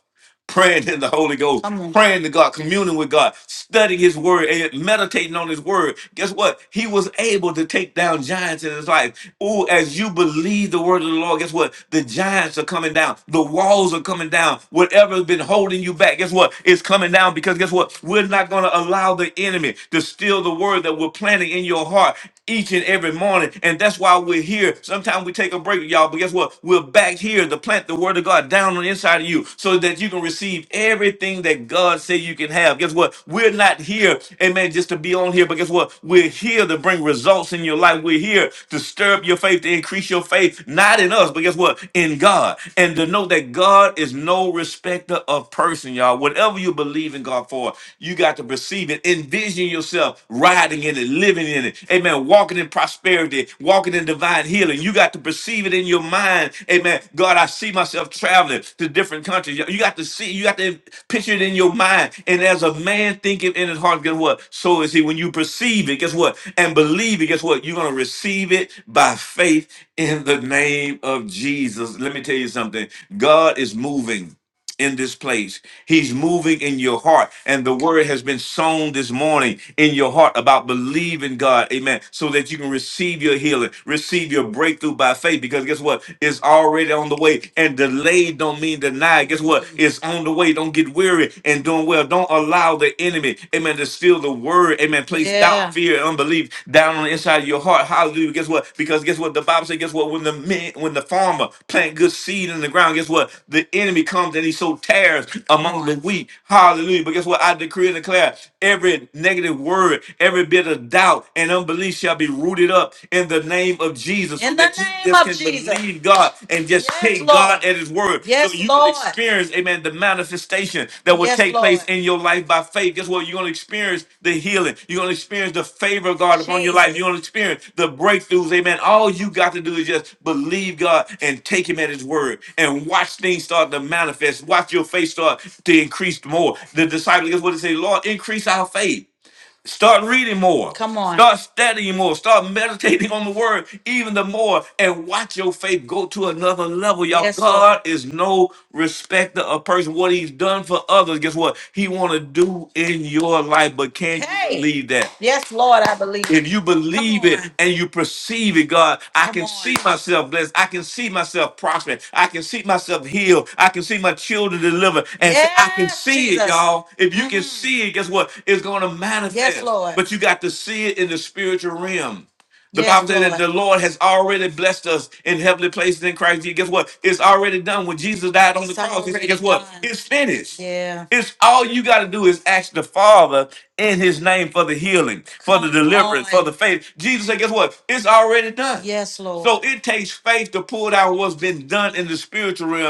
S1: praying in the Holy Ghost, Come on. praying to God, communing with God, studying His Word, and meditating on His Word. Guess what? He was able to take down giants in his life. Oh, as you believe the Word of the Lord, guess what? The giants are coming down. The walls are coming down. Whatever has been holding you back, guess what? It's coming down because guess what? We're not going to allow the enemy to steal the Word that we're planting in your heart each and every morning. And that's why we're here. Sometimes Sometimes we take a break, y'all, but guess what? We're back here to plant the word of God down on the inside of you so that you can receive everything that God said you can have. Guess what? We're not here, amen, just to be on here, but guess what? We're here to bring results in your life. We're here to stir up your faith, to increase your faith, not in us, but guess what? In God. And to know that God is no respecter of person, y'all. Whatever you believe in God for, you got to perceive it. Envision yourself, riding in it, living in it. Amen. Walking in prosperity, walking in divine healing. You got to perceive it in your mind. Amen. God, I see myself traveling to different countries. You got to see, you got to picture it in your mind. And as a man thinking in his heart, guess what? So is he. When you perceive it, guess what? And believe it, guess what? You're going to receive it by faith in the name of Jesus. Let me tell you something. God is moving in this place. He's moving in your heart. And the word has been sown this morning in your heart about believing God. Amen. So that you can receive your healing, receive your breakthrough by faith. Because guess what? It's already on the way. And delayed don't mean denied. Guess what? It's on the way. Don't get weary and doing well. Don't allow the enemy, amen, to steal the word. Amen. Place doubt, Yeah. fear, and unbelief down on the inside of your heart. Hallelujah. Guess what? Because guess what? The Bible says, guess what? When the men, when the farmer plant good seed in the ground, guess what? The enemy comes and he so tares among the wheat. Hallelujah. But guess what? I decree and declare every negative word, every bit of doubt and unbelief shall be rooted up in the name of Jesus so In the that you name just of can Jesus. believe God and just Yes, take Lord. God Lord at his word so Yes, you can Lord. experience, amen, the manifestation that will Yes, take place Lord. in your life by faith. Guess what? You're going to experience the healing. You're going to experience the favor of God upon your life. Jesus. You're going to experience the breakthroughs, amen. All you got to do is just believe God and take him at his word and watch things start to manifest. Watch your faith start to increase more. The disciples, guess what they say? Lord, increase our faith. Start reading more. Come on. Start studying more. Start meditating on the word even the more and watch your faith go to another level. Y'all, Yes, Lord. God is no respecter of person. What he's done for others, guess what? He want to do in your life, but can you Hey. believe that? Yes, Lord. I I believe it. If you Come believe on. it on. and you perceive it, God, I Come can on. see myself blessed. I can see myself prospering. I can see myself healed. I can see my children delivered. And say, I can Yes, see it, Jesus. y'all. If you can hmm see it, guess what? It's going to Yes, manifest. Yes, Lord. But you got to see it in the spiritual realm. The Yes, Bible said that Lord. the Lord has already blessed us in heavenly places in Christ Jesus. Guess what? It's already done. When Jesus died on the It's cross, he said, already guess what? done. It's finished. Yeah. It's all you got to do is ask the Father in his name for the healing, for the Come deliverance, for on. the faith. Jesus said, guess what? It's already done. Yes, Lord. So it takes faith to pull down what's been done in the spiritual realm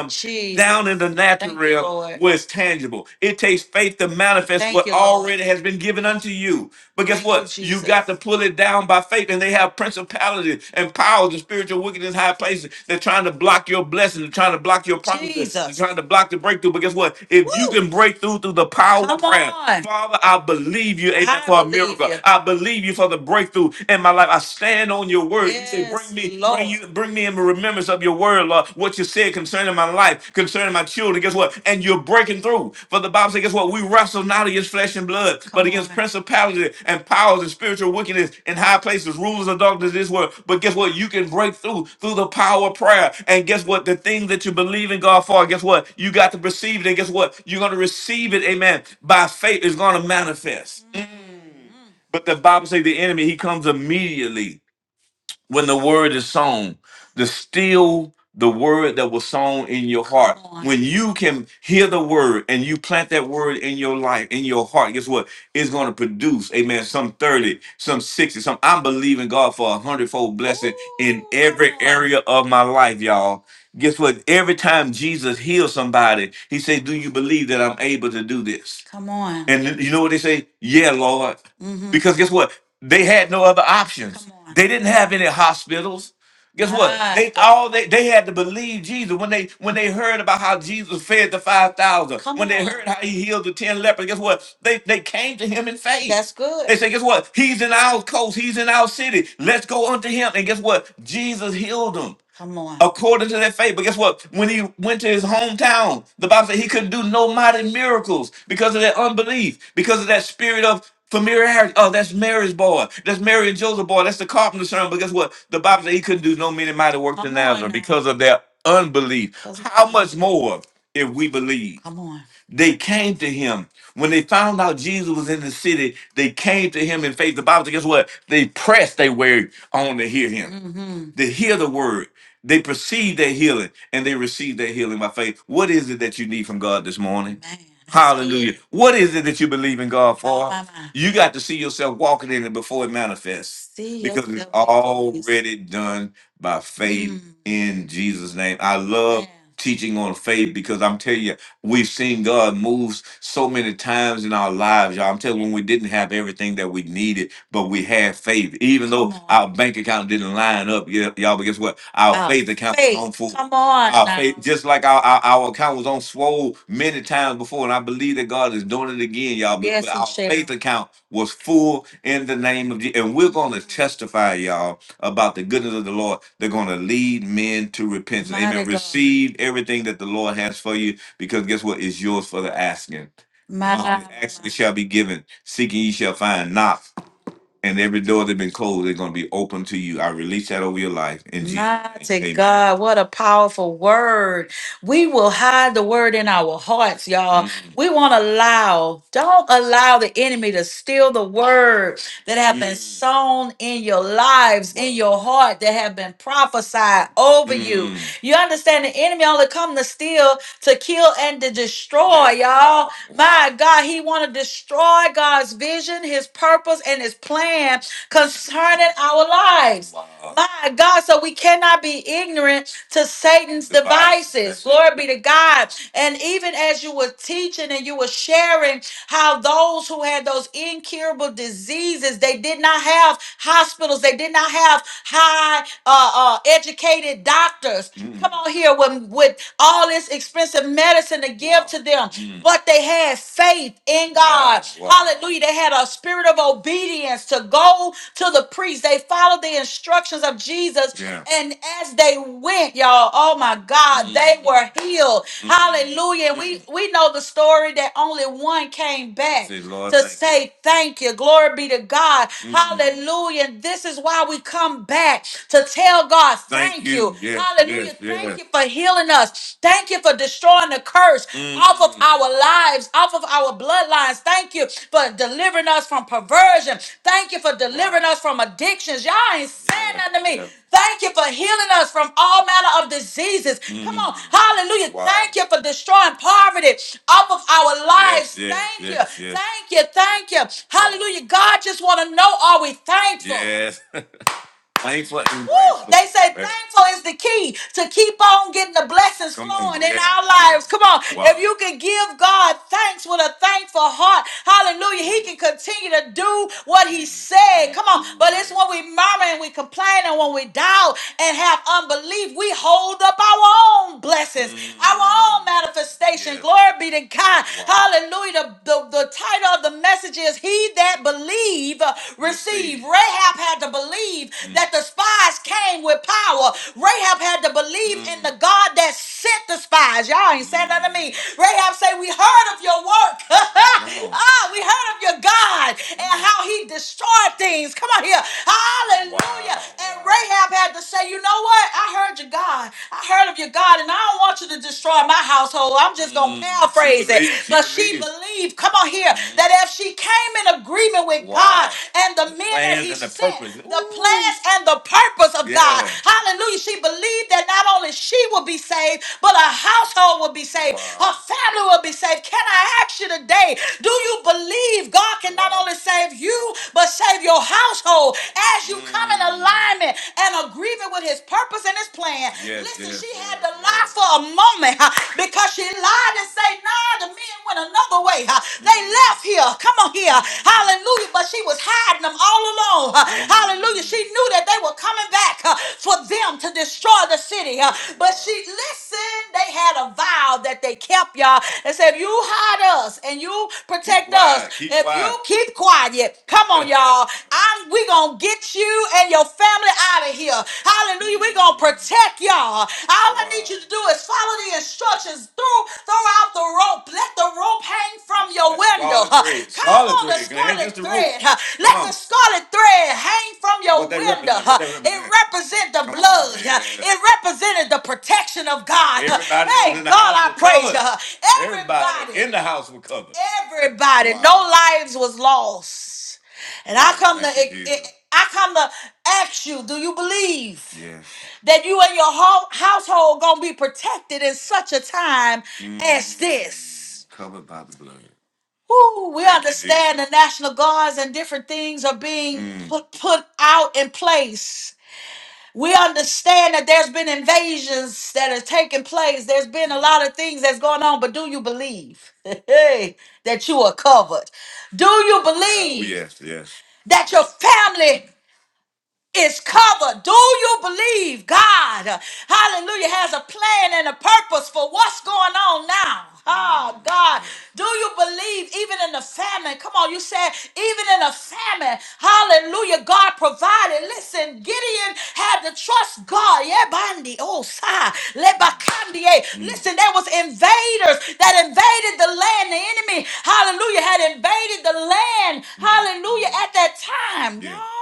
S1: down in Jesus. the natural Thank you, realm Lord. where it's tangible. It takes takes faith to manifest Thank what you, Lord. already has been given unto you. But guess Thank you, what? You got to Jesus. pull it down by faith. And they have principalities and powers and spiritual wickedness in high places. They're trying to block your blessing. They're trying to block your promises. They're Jesus. trying to block the breakthrough. But guess what? If you Woo! can break through through the power of Come prayer, on. Father, I believe you, amen, I for a believe miracle. you. I believe you for the breakthrough in my life. I stand on your word. You say, bring Yes, me, bring Lord. you, bring me in remembrance of your word, Lord, what you said concerning my life, concerning my children. Guess what? And you're breaking through. For the Bible says, guess what? We wrestle not against flesh and blood, but Come against on. principalities and powers and spiritual wickedness in high places, rulers of darkness in this world. But guess what? You can break through through the power of prayer. And guess what? The thing that you believe in God for, guess what? You got to perceive it. And guess what? You're going to receive it, amen, by faith. It's going to manifest. But the Bible says the enemy, he comes immediately when the word is sown, to still the word that was sown in your heart. Come on. When you can hear the word and you plant that word in your life, in your heart, guess what? It's going to produce, amen, some 30, some 60, some. I'm believing God for a hundredfold blessing in every Ooh. area of my life, y'all. Guess what? Every time Jesus heals somebody, he says, Do you believe that I'm able to do this? Come on. And you know what they say? Yeah, Lord. Mm-hmm. because guess what? They had no other options. Come on. They didn't have any hospitals. Guess what? My They all they, they had to believe Jesus when they when they heard about how Jesus fed the five thousand, Come when they on. heard how he healed the ten lepers. Guess what? They they came to him in faith. That's good. They said, guess what? He's in our coast. He's in our city. Let's go unto him. And guess what? Jesus healed them. Come on. according to their faith. But guess what? When he went to his hometown, the Bible said he couldn't do no mighty miracles because of that unbelief, because of that spirit of familiarity. Oh, that's Mary's boy. That's Mary and Joseph boy. That's the carpenter's son. But guess what? The Bible said he couldn't do no many mighty works in Come on Nazareth now. because of their unbelief. Because of How that. much unbelief. more if we believe? Come on. they came to him when they found out Jesus was in the city. They came to him in faith. The Bible says, guess what? They pressed their way on to hear him, Mm-hmm. to hear the word. They perceive their healing and they receive their healing by faith. What is it that you need from God this morning? Man, that's Hallelujah. good. What is it that you believe in God for? My, my, my. You got to see yourself walking in it before it manifests. See because it's yourself already done by faith Mm. in Jesus' name. I love Man. teaching on faith because I'm telling you, we've seen God moves so many times in our lives, y'all. I'm telling you, when we didn't have everything that we needed but we had faith, even though Come on. our on. bank account didn't line up. Yeah, y'all, but guess what? Our Our faith account was faith. on full. Come on Our now. faith, now. just like our, our our account was on swole many times before, and I believe that God is doing it again, y'all. But but Yes, he our faith shall. account was full in the name of Jesus, and we're going to testify, y'all, about the goodness of the Lord. They're going to lead men to repentance. Amen. Mighty God. Receive everything that the Lord has for you, because guess what? It's yours for the asking. My, Um, my, ask, it my. shall be given. Seeking, ye shall find. Knock and every door that's been closed is going to be open to you. I release that over your life in Jesus' Mighty name. Amen. God, what a powerful word. We will hide the word in our hearts, y'all. Mm, We won't allow, don't allow the enemy to steal the word that have been mm, sown in your lives, in your heart, that have been prophesied over you. mm. You understand the enemy only come to steal to kill and to destroy, y'all. My God, he want to destroy God's vision, his purpose, and his plan concerning our lives. Wow. My God, so we cannot be ignorant to Satan's devices. devices. Glory be to God. And even as you were teaching and you were sharing how those who had those incurable diseases, they did not have hospitals, they did not have high uh, uh, educated doctors Mm. come on here with, with all this expensive medicine to give Wow. to them. Mm. But they had faith in God. Wow. Wow. Hallelujah. They had a spirit of obedience to go to the priest. They followed the instructions of Jesus. Yeah. And as they went, y'all, oh my God, Mm. they were healed. Hallelujah. And We we know the story that only one came back Say, Lord, to thank you. say you. thank you. Glory be to God. Hallelujah. And This is why we come back to tell God thank, thank you. you. Yes, Hallelujah. yes, thank yes. you for healing us. Thank you for destroying the curse off of our lives, off of our bloodlines. Thank you. Thank you for delivering us from perversion. Thank you for delivering us from addictions. Y'all ain't saying nothing to me. Yeah. Thank you for healing us from all manner of diseases. Come on. Mm. Hallelujah. Wow. Thank you for destroying poverty off of our lives. Yes, yes, Thank yes, you. yes. Thank you. Thank you. Hallelujah. God just want to know are we thankful? Yes. Thankful and Woo! grateful. They say That's- thankful is the key to keep on getting the blessings Come on. flowing in Yeah. our lives. Come on. Wow. If Wow. you can give God thanks with a thankful heart, hallelujah, he can continue to do what he said. Come on. But it's when we murmur and we complain and when we doubt and have unbelief, we hold up our own blessings, our own Mm. manifestation. Yeah. Glory be to God. Wow. Hallelujah. The, the, the title of the message is He That Believe uh, Receive. Rahab had to believe mm. that the spies came with power. Rahab had to believe mm. in the God that sent the spies. Y'all ain't saying nothing to me. Rahab say, We heard of your work. ah, we heard of your God and how he destroyed things. Come on here. Hallelujah. Wow. And Rahab had to say, You know what? I heard your God. I heard of your God, and I don't want you to destroy my household. I'm just gonna Mm, paraphrase she it. believed, she But she believed. believed, come on here, Mhm. that if she came in agreement with Wow. God Wow. and the, The men that plans He and the sent, purpose. the Ooh. plans and the purpose of God, Yeah. Hallelujah! She believed that not only she will be saved, but her household will be saved, Wow. her Wow. family will be saved. Can I ask you today? Do you believe God can not Wow. only save you but save your household as you come in Mm. alignment and agree? grieving with his purpose and his plan. Yes, Listen, yes. she had to lie for a moment huh, because she lied and say, nah, the men went another way. huh. They left here. Come on here. Hallelujah. But she was hiding them all along. huh. Hallelujah. She knew that they were coming back huh, for them to destroy the city. huh. But she, listen, they had a vow that they kept, y'all. They said, if you hide us and you Keep protect us, quiet. Keep if you quiet. keep quiet, come on, y'all. I'm we gonna get get you and your family out of here. Hallelujah. We're going to protect y'all. All I need you to do is follow the instructions. Throw, throw out the rope. Let the rope hang from your That window. scarlet thread. Come Scarlet on, the thread, Glenn. Ain't scarlet just the rope. thread. Let Come the on. scarlet thread hang from your What that window. represent? What that It represent? represents the Come on, blood. man. It represented the protection of God. Everybody that was Hey, in the God, house I was praise you. covered. Everybody Everybody in the house was covered. everybody. Wow. No lives was lost. And I come to Thank you, Jesus. I come to ask you, do you believe Yes. that you and your whole household gonna be protected in such a time as this? Mm, covered by the blood. Woo, we Thank you, Jesus. understand Jesus. the National Guards and different things are being Mm, put, put out in place we understand that there's been invasions that are taking place. There's been a lot of things that's going on, but do you believe that you are covered? Do you Oh, believe yes, yes. that your family is covered. Do you believe God, uh, hallelujah, has a plan and a purpose for what's going on now? Oh, God, do you believe even in the famine? Come on, you said, even in a famine, hallelujah, God provided. Listen, Gideon had to trust God. Yeah, Bandi, oh, Sai, Lebakandie. Listen, there was invaders that invaded the land. The enemy, hallelujah, had invaded the land, hallelujah, at that time. No.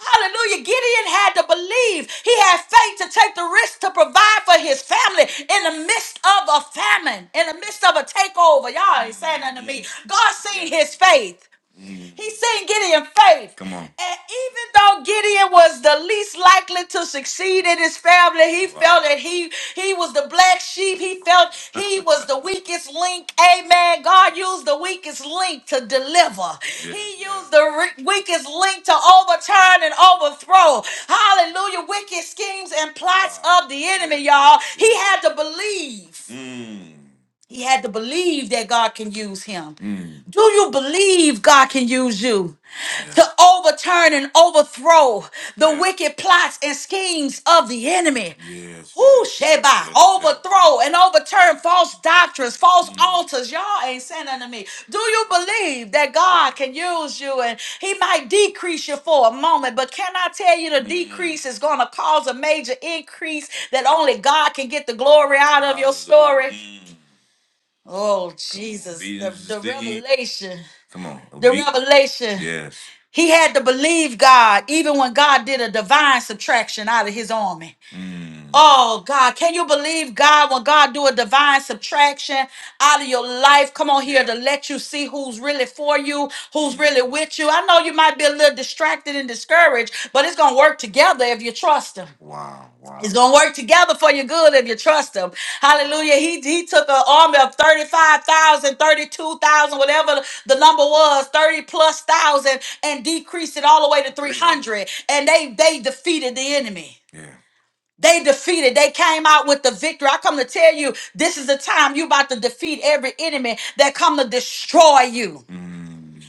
S1: Hallelujah. Gideon had to believe. He had faith to take the risk to provide for his family in the midst of a famine, in the midst of a takeover. Y'all ain't saying nothing to me. God seen his faith. He's saying Gideon faith. Come on. And even though Gideon was the least likely to succeed in his family, he Wow. felt Wow. that he he was the black sheep. He felt he was the weakest link. Amen. God used the weakest link to deliver. yeah. He used the re- weakest link to overturn and overthrow. Hallelujah. Wicked schemes and plots Wow. of the Yeah. enemy, y'all. Yeah. He Yeah. had to believe. Mm. He had to believe that God can use him. Mm. Do you believe God can use you to overturn and overthrow the Yeah. wicked plots and schemes of the enemy? Yes, Who yes, yes, Sheba yes, yes. overthrow and overturn false doctrines, false Mm. altars? Y'all ain't saying nothing to me. Do you believe that God can use you and He might decrease you for a moment? But can I tell you the Mm. decrease is going to cause a major increase that only God can get the glory out of your Hallelujah. story? Oh, Jesus. The, Jesus the didn't. he? revelation. Come on, The obe- revelation. Yes. He had to believe God even when God did a divine subtraction out of his army. Mm. Oh God, can you believe God when God do a divine subtraction? out of your life. Come on here to let you see who's really for you, who's really with you. I know you might be a little distracted and discouraged, but it's going to work together if you trust Him. Wow, It's wow. gonna work together for your good if you trust him. Hallelujah. He he took an army of 35,000, 32,000, whatever the number was, 30 plus thousand, and decreased it all the way to 300. And they they defeated the enemy. Yeah, they defeated. They came out with the victory. I come to tell you, this is the time you about to defeat every enemy that come to destroy you. Mm.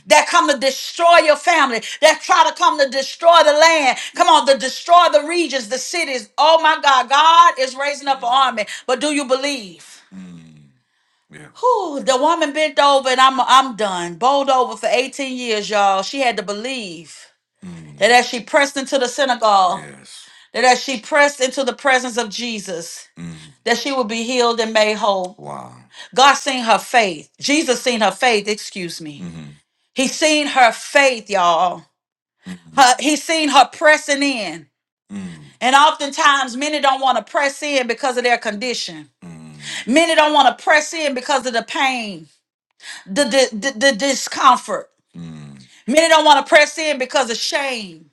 S1: That come to destroy your family. That try to come to destroy the land. Come on, to destroy the regions, the cities. Oh my God, God is raising up an army. But do you believe? Yeah. Whew, the woman bent over and I'm I'm done. Bowled over for 18 years, y'all. She had to believe that Mm. as she pressed into the synagogue, Yes. that as she pressed into the presence of Jesus, Mm. that she would be healed and made whole. Wow. God seen her faith. Jesus seen her faith, excuse me. Mm-hmm. He seen her faith, y'all. Her, he's seen her pressing in. Mm, And oftentimes, many don't want to press in because of their condition. mm, Many don't want to press in because of the pain, the, the, the, the discomfort. mm, Many don't want to press in because of shame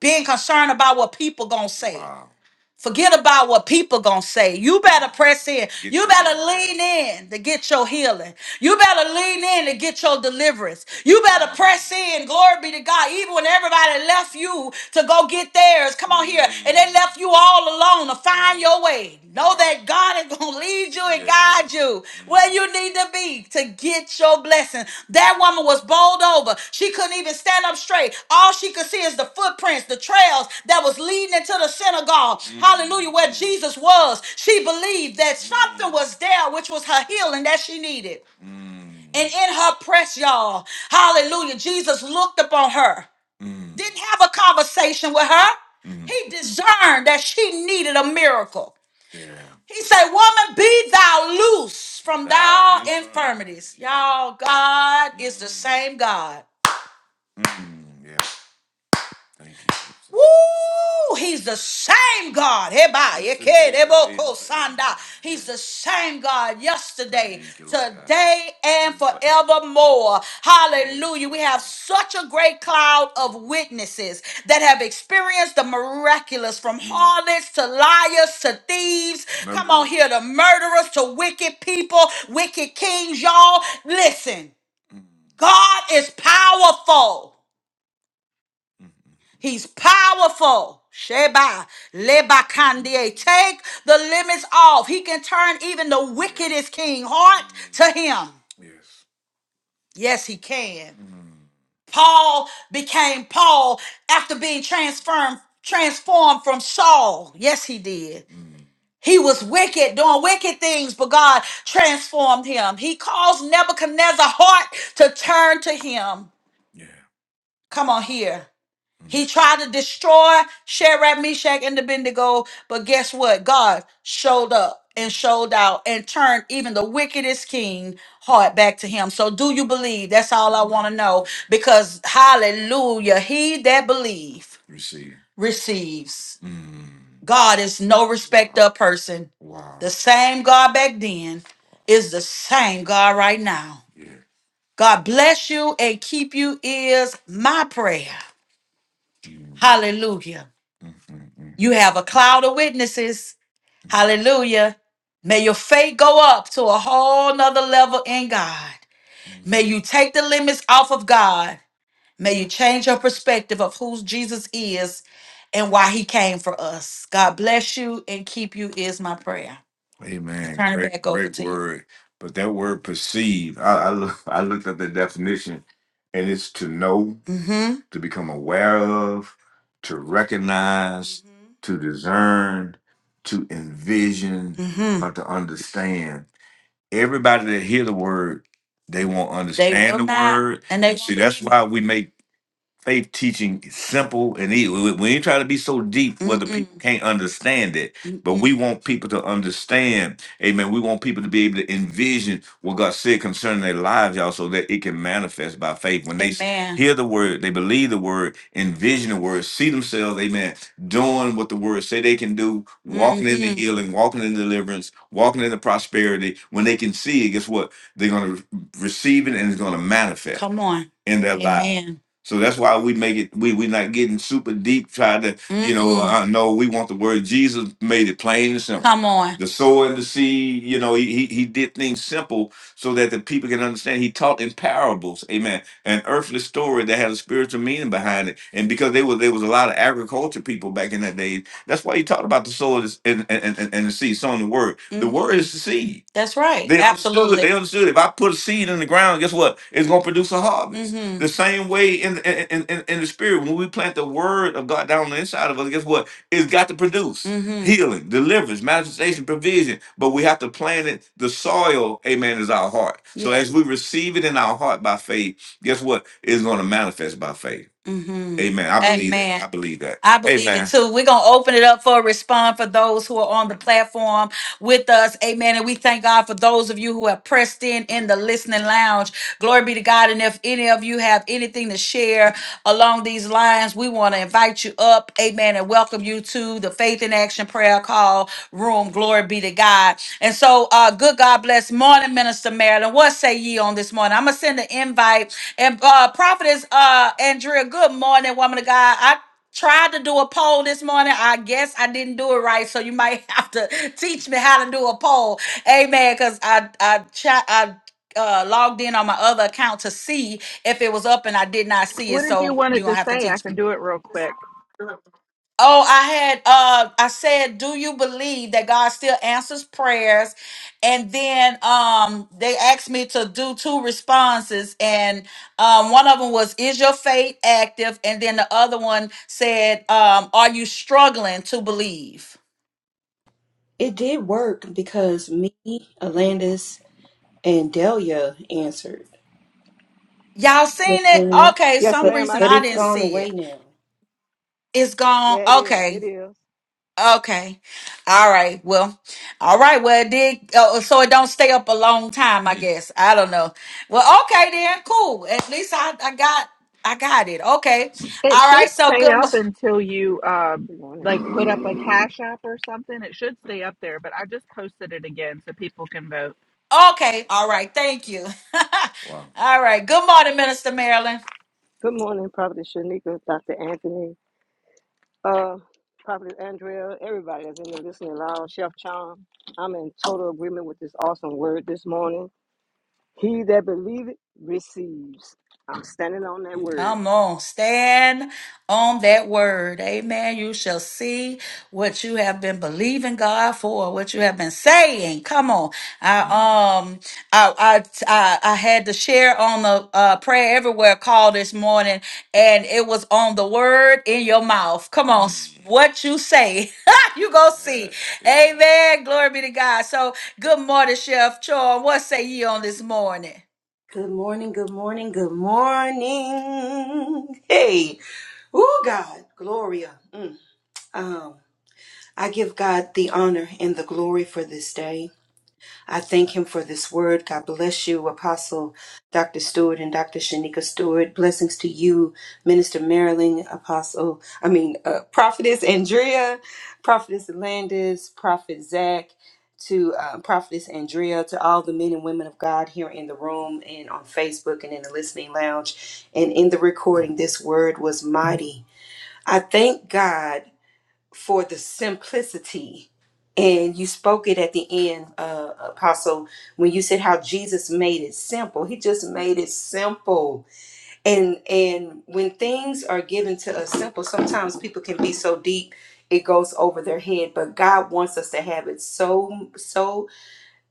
S1: being concerned about what people gonna say. Wow. Forget about what people gonna say. You better press in. Get You your better healing. lean in to get your healing. You better lean in to get your deliverance. You better press in. Glory be to God. Even when everybody left you to go get theirs, come on here, and they Mm. left you all alone to find your way. Know that God is gonna lead you and guide you where you need to be to get your blessing. That woman was bowled over. She couldn't even stand up straight. All she could see is the footprints, the trails that was leading into the synagogue. Hallelujah, where Jesus was. She believed that something was there, which was her healing that she needed. And in her press, y'all, hallelujah, Jesus looked upon her didn't have a conversation with her. He discerned that she needed a miracle. Yeah. He said, Woman, be thou loose from Thou thy infirmities. Y'all, God is the Mm. same God. Mm. Thank you, Jesus. Woo! He's the same God. Heba, Yes, it yeke, indeed. debo, He's the ko, sanda. He's Yes. the same God yesterday, Thank you, Lord God. today, and And forever. forevermore. Yes, Hallelujah. We have such a great cloud of witnesses that have experienced the miraculous from Mm. harlots to liars to thieves. Come on Murderers. here, to murderers to wicked people, wicked kings, y'all. Listen, Mm. God is powerful. He's powerful. Sheba, leba kandie. Take the limits off. He can turn even the wickedest king heart to him. Yes. Yes, he can. Mm. Paul became Paul after being transformed transformed from Saul. Yes, he did. He was wicked, doing wicked things, but God transformed him. He caused Nebuchadnezzar's heart to turn to him. Yeah. Come on here. He tried to destroy Shadrach, Meshach, and Abednego, but guess what? God showed up and showed out and turned even the wickedest king heart back to him. So do you believe? That's all I want to know. Because hallelujah, he that believes Receive. receives. Mm. God is no respecter of person. Wow. The Wow. same God back then is the same God right now. Yeah. God bless you and keep you is my prayer. Hallelujah. You have a cloud of witnesses. Hallelujah. May your faith go up to a whole nother level in God. May you take the limits off of God. May you change your perspective of who Jesus is and why he came for us. God bless you and keep you is my prayer. Amen. Turn it Great, back over great to you. word. But that word perceive, I, I, look, I looked at the definition, and it's to know, Mm-hmm. to become aware of, to recognize, to discern, to envision, Mm-hmm. or to understand. Everybody that hear the word, they won't They understand will the not. word. And they See, won't See, that's believe. it. why we make faith teaching is simple and easy. We, we ain't trying to be so deep whether the Mm-mm. people can't understand it, but Mm-mm. we want people to understand. Amen. We want people to be able to envision what God said concerning their lives, y'all, so that it can manifest by faith. When they s- Amen. hear the word, they believe the word, envision the word, see themselves, amen, doing what the word say they can do, walking in the Mm-hmm. healing, walking in deliverance, walking in the prosperity. When they can see it, guess what? They're going to receive it and it's going to manifest Come on. in their lives. Amen. So that's why we make it. We we not getting super deep. Try to you know. Mm-mm. I know we want the word. Jesus made it plain and simple. Come on. The sower and the seed. You know, he he he did things simple so that the people can understand. He taught in parables. Amen. An earthly story that had a spiritual meaning behind it. And because they were there was a lot of agriculture people back in that day. That's why he talked about the soul is- and, and, and, and the seed, sowing the word. The hmm word is the seed. That's right. They understood. Absolutely. They understood. If I put a seed in the ground, guess what? It's going to produce a harvest. hmm The same way in, in in in in the spirit, when we plant the word of God down on the inside of us, guess what? It's got to produce hmm healing, deliverance, manifestation, provision. But we have to plant it. The soil, amen, is our heart. So Yeah. as we receive it in our heart by faith, guess what? It's going to manifest by faith hmm Amen. I believe that. Amen. I believe that. I believe it Amen. too. We're going to open it up for a response for those who are on the platform with us. Amen. And we thank God for those of you who have pressed in in the listening lounge. Glory be to God. And if any of you have anything to share along these lines, we want to invite you up. Amen. And welcome you to the Faith in Action Prayer Call Room. Glory be to God. And so, uh, good God bless. Morning, Minister Marilyn. What say ye on this morning? I'm going to send an invite and uh, prophetess uh, Andrea, good morning, woman of God. I tried to do a poll this morning. I guess I didn't do it right, so you might have to teach me how to do a poll. Amen. Because I I cha- I uh, logged in on my other account to see if it was up, and I did not see it.
S2: What did you
S1: So
S2: want
S1: you're
S2: it
S1: gonna
S2: to
S1: have to
S2: say? I
S1: teach me.
S2: can do it real quick.
S1: Oh, I had uh I said, do you believe that God still answers prayers? And then um they asked me to do two responses and um one of them was is your faith active? And then the other one said um are you struggling to believe?
S3: It did work because me, Alandis, and Delia answered.
S1: Y'all seen it?
S3: Mhm.
S1: Okay,
S4: Yes,
S1: some
S3: But
S4: ma'am, I
S1: reason
S3: but
S1: I
S4: did
S3: it's
S1: didn't
S4: too.
S3: gone
S1: see
S3: away
S1: it.
S3: now.
S1: It's gone.
S4: Yeah, it is.
S1: Okay.
S4: It is.
S1: Okay. All right. Well, all right. Well, it did. Uh, so it don't stay up a long time, I guess. I don't know. Well, okay then. Cool. At least I, I got, I got it. Okay.
S2: It
S1: All right.
S2: should
S1: So
S2: stay
S1: good.
S2: up until you um,
S4: Good morning.
S2: like put up a cash app or something. It should stay up there, but I just posted it again so people can vote.
S1: mo- Okay. All right. Thank you. Wow. all right. Good morning, Minister Marilyn.
S4: Good morning, Prophet Shanika, Dr. Anthony, uh, Prophet Andrea, everybody that's in the listening lounge, Chef Chong. I'm in total agreement with this awesome word this morning. He that believeth receives. I'm standing on that word.
S1: Come on, stand on that word. Amen. You shall see what you have been believing God for, what you have been saying. Come on. I um I I I, I had to share on the uh, prayer everywhere call this morning, and it was on the word in your mouth. Come on, s- Mm. what you say, you go see. Amen. Glory be to God. So good morning, Chef Chor. What say ye on this morning?
S3: Good morning, good morning, good morning. Hey, oh God, Gloria. Mm. Um, I give God the honor and the glory for this day. I thank him for this word. God bless you, Apostle Dr. Stewart and Dr. Shanika Stewart. Blessings to you, Minister Marilyn, Apostle, I mean, uh, Prophetess Andrea, Prophetess Landis, Prophet Zach, to uh, Prophetess Andrea, to all the men and women of God here in the room and on Facebook and in the listening lounge and in the recording. This word was mighty. I thank God for the simplicity. And you spoke it at the end, uh, Apostle, when you said how Jesus made it simple. He just made it simple. And and when things are given to us simple, sometimes people can be so deep it goes over their head. But God wants us to have it so so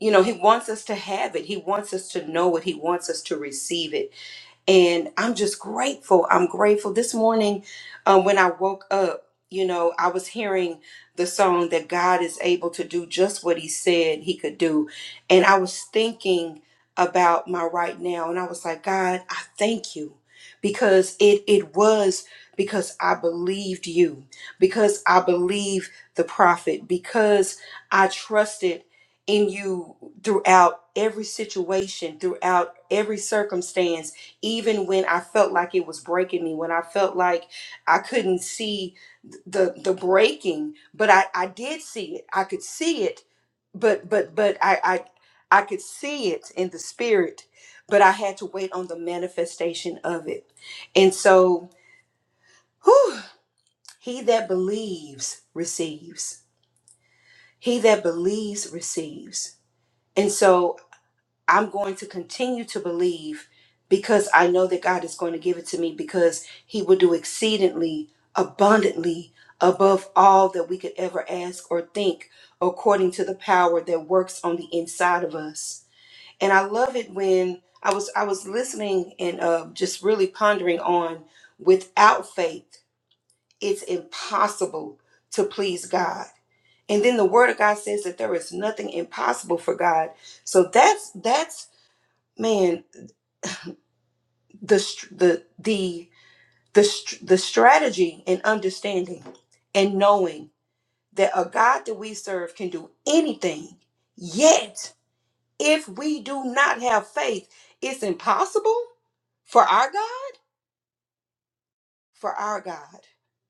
S3: you know, He wants us to have it. He wants us to know it. He wants us to receive it and I'm just grateful. I'm grateful. This morning, um, when I woke up, you know, I was hearing the song that God is able to do just what He said He could do, and I was thinking about my right now, and I was like, God, I thank you because it it was because I believed you, because I believe the prophet, because I trusted in you throughout every situation, throughout every circumstance even when I felt like it was breaking me, when I felt like I couldn't see the the breaking, but I I did see it. I could see it, but but but I I I could see it in the spirit, but I had to wait on the manifestation of it. And so, whew, he that believes receives. He that believes receives. And so. I'm going to continue to believe because I know that God is going to give it to me because He will do exceedingly abundantly above all that we could ever ask or think according to the power that works on the inside of us. And I love it when I was I was listening and uh, just really pondering on without faith, it's impossible to please God. And then the word of God says that there is nothing impossible for God. So that's that's man the str- the the the str- the strategy and understanding and knowing that a God that we serve can do anything. Yet, if we do not have faith, it's impossible for our God for our God.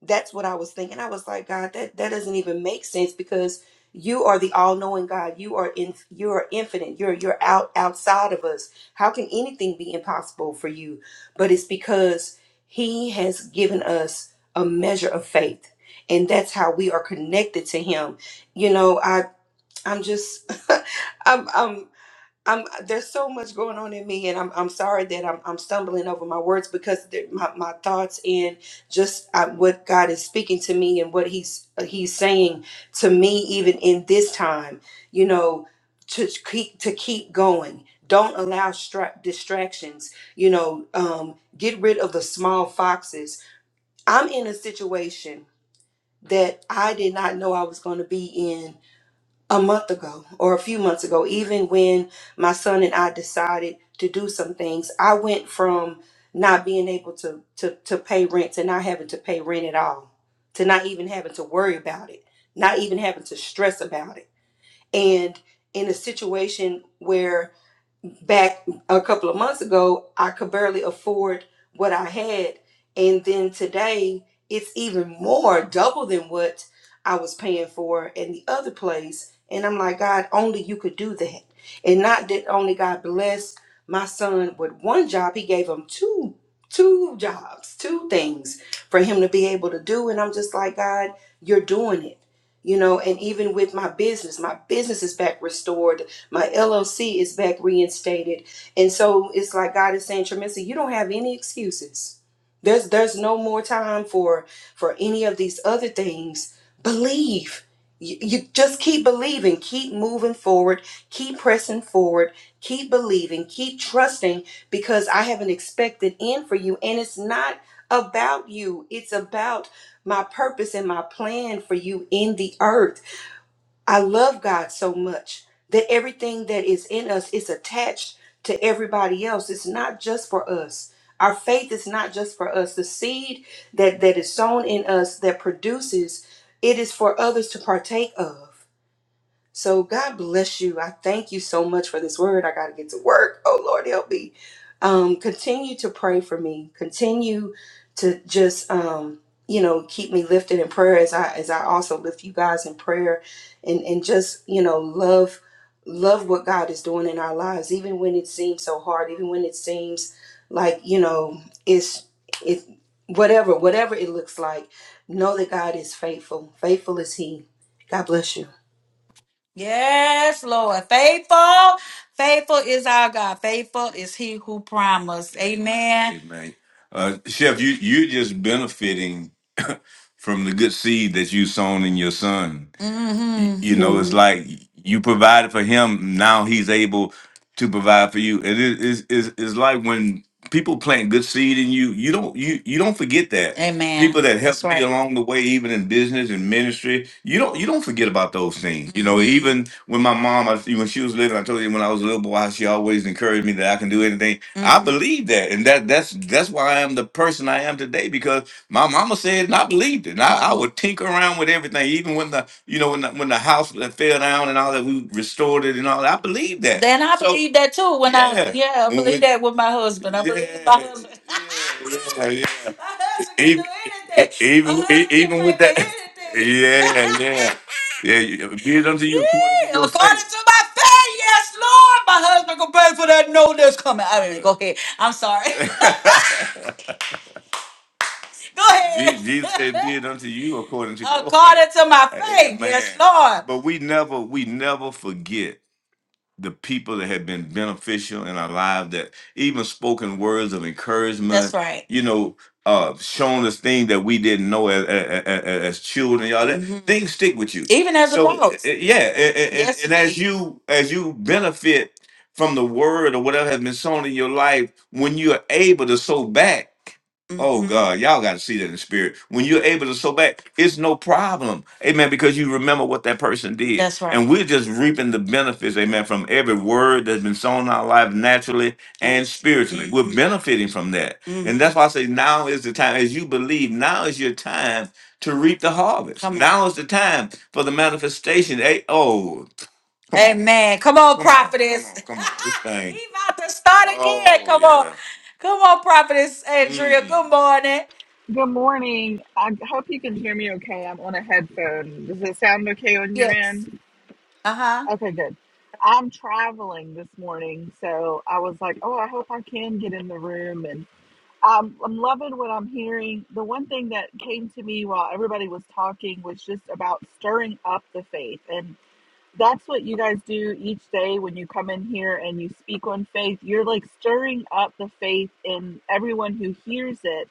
S3: That's what I was thinking. I was like, God, that, that doesn't even make sense because you are the all-knowing God. You are in you are infinite. You're you're out outside of us. How can anything be impossible for you? But it's because He has given us a measure of faith. And that's how we are connected to him. You know, I I'm just I'm, I'm I'm there's so much going on in me, and I'm I'm sorry that I'm I'm stumbling over my words because the, my my thoughts and just uh what God is speaking to me and what He's uh, He's saying to me even in this time, you know, to keep to keep going. Don't allow stra- distractions. You know, um, get rid of the small foxes. I'm in a situation that I did not know I was going to be in a month ago or a few months ago, even when my son and I decided to do some things, I went from not being able to to to pay rent to not having to pay rent at all, to not even having to worry about it, not even having to stress about it. And in a situation where back a couple of months ago, I could barely afford what I had. And then today, it's even more, double than what I was paying for in the other place. And I'm like, God, only you could do that. And not that only God blessed my son with one job, he gave him two two jobs, two things for him to be able to do. And I'm just like, God, you're doing it. You know, and even with my business, my business is back restored my LLC is back reinstated. And so it's like God is saying, Tremissa, you don't have any excuses. There's there's no more time for for any of these other things. Believe. You, you just keep believing, keep moving forward, keep pressing forward, keep believing, keep trusting because I have an expected end for you. And it's not about you, it's about my purpose and my plan for you in the earth. I love God so much that everything that is in us is attached to everybody else. It's not just for us. Our faith is not just for us. The seed that, that is sown in us that produces, it is for others to partake of. So God bless you. I thank you so much for this word. I got to get to work. Oh Lord, help me. Um, continue to pray for me. Continue to just um, you know keep me lifted in prayer as I as I also lift you guys in prayer, and and just you know love love what God is doing in our lives, even when it seems so hard, even when it seems like you know it's it whatever whatever it looks like. Know that God is faithful. Faithful is He. God bless you.
S1: Yes, Lord. Faithful. Faithful is our God. Faithful is he who promised. Amen. Amen. Uh, Chef, you you're just benefiting from the good seed that you sown in your son. Y- Mm-hmm. You know, it's like you provided for him. Now he's able to provide for you. And it is is is like when people plant good seed in you. You don't you you don't forget that. Amen. People that That's helped me right. along the way, even in business and ministry, you don't you don't forget about those things. You know, Mm-hmm. even when my mom, I, when she was living, I told you when I was a little boy, she always encouraged me that I can do anything. I Mm-hmm. believe that, and that that's that's why I am the person I am today because. My mama said, and I believed it. And I, I would tinker around with everything, even when the you know when the, when the house that fell down and all that, we restored it and all that. I believed that. Then I So believe that too. When I yeah, yeah, I when believe we that with my husband. I believe with yeah, my yeah husband. yeah yeah yeah. my husband can do Even anything. My even e- husband can even pay with for that, anything. yeah anything. yeah yeah. you- Be it unto you according to Yeah, your According faith. to my faith, yes, Lord, my husband can pay for that. No, that's coming. I mean, go ahead. I'm sorry. Go ahead. Je- Jesus said, "Be it unto you according to your faith." According to my faith, yes, Amen. Lord. But we never, we never forget the people that have been beneficial in our life. That even spoken words of That's encouragement, right. you know, uh, showing us things that we didn't know as, as, as children. Y'all, that hmm things stick with you. Even as So uh, adults. yeah, and, and, Yes, and as indeed. you as you benefit from the word or whatever has been sown in your life, when you are able to sow back. Oh hmm God, y'all got to see that in the spirit. When you're able to sow back, it's no problem. Amen. Because you remember what that person did. That's right. And we're just reaping the benefits, amen, from every word that's been sown in our life naturally and spiritually. We're Mm-hmm. benefiting from that. And Mm-hmm. that's Mm-hmm. why I say now is the time, as you believe, now is your time to reap the harvest. Come on. Now is the time for the manifestation. Hey, oh, Amen. Come on, Come on, come prophetess. on, come on. This thing. he about to start again. Oh Come on. yeah. Come on, prophetess Andrea. Mm. Good morning.
S2: Good morning. I hope you can hear me okay. I'm on a headphone. Does it sound okay on your
S1: Yes.
S2: end?
S1: Uh-huh.
S2: Okay, good. I'm traveling this morning, so I was like, oh, I hope I can get in the room. and. Um, I'm loving what I'm hearing. The one thing that came to me while everybody was talking was just about stirring up the faith. And that's what you guys do each day when you come in here and you speak on faith. You're like stirring up the faith in everyone who hears it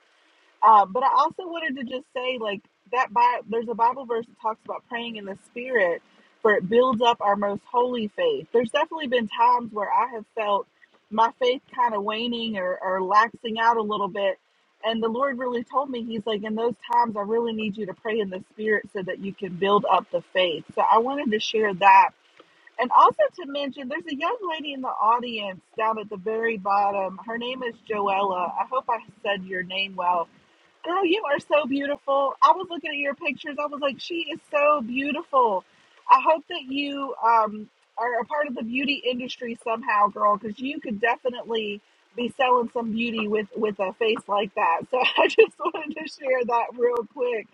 S2: uh, but I also wanted to just say, like that. Bi- there's a Bible verse that talks about praying in the Spirit, for it builds up our most holy faith. There's definitely been times where I have felt my faith kind of waning or, or laxing out a little bit, and the Lord really told me, He's like, in those times, I really need you to pray in the Spirit so that you can build up the faith. So I wanted to share that. And also to mention, there's a young lady in the audience down at the very bottom. Her name is Joella. I hope I said your name well Girl, you are so beautiful. I was looking at your pictures. I was like, she is so beautiful. I hope that you um, are a part of the beauty industry somehow, girl, because you could definitely be selling some beauty with with a face like that. So I just wanted to share that real quick.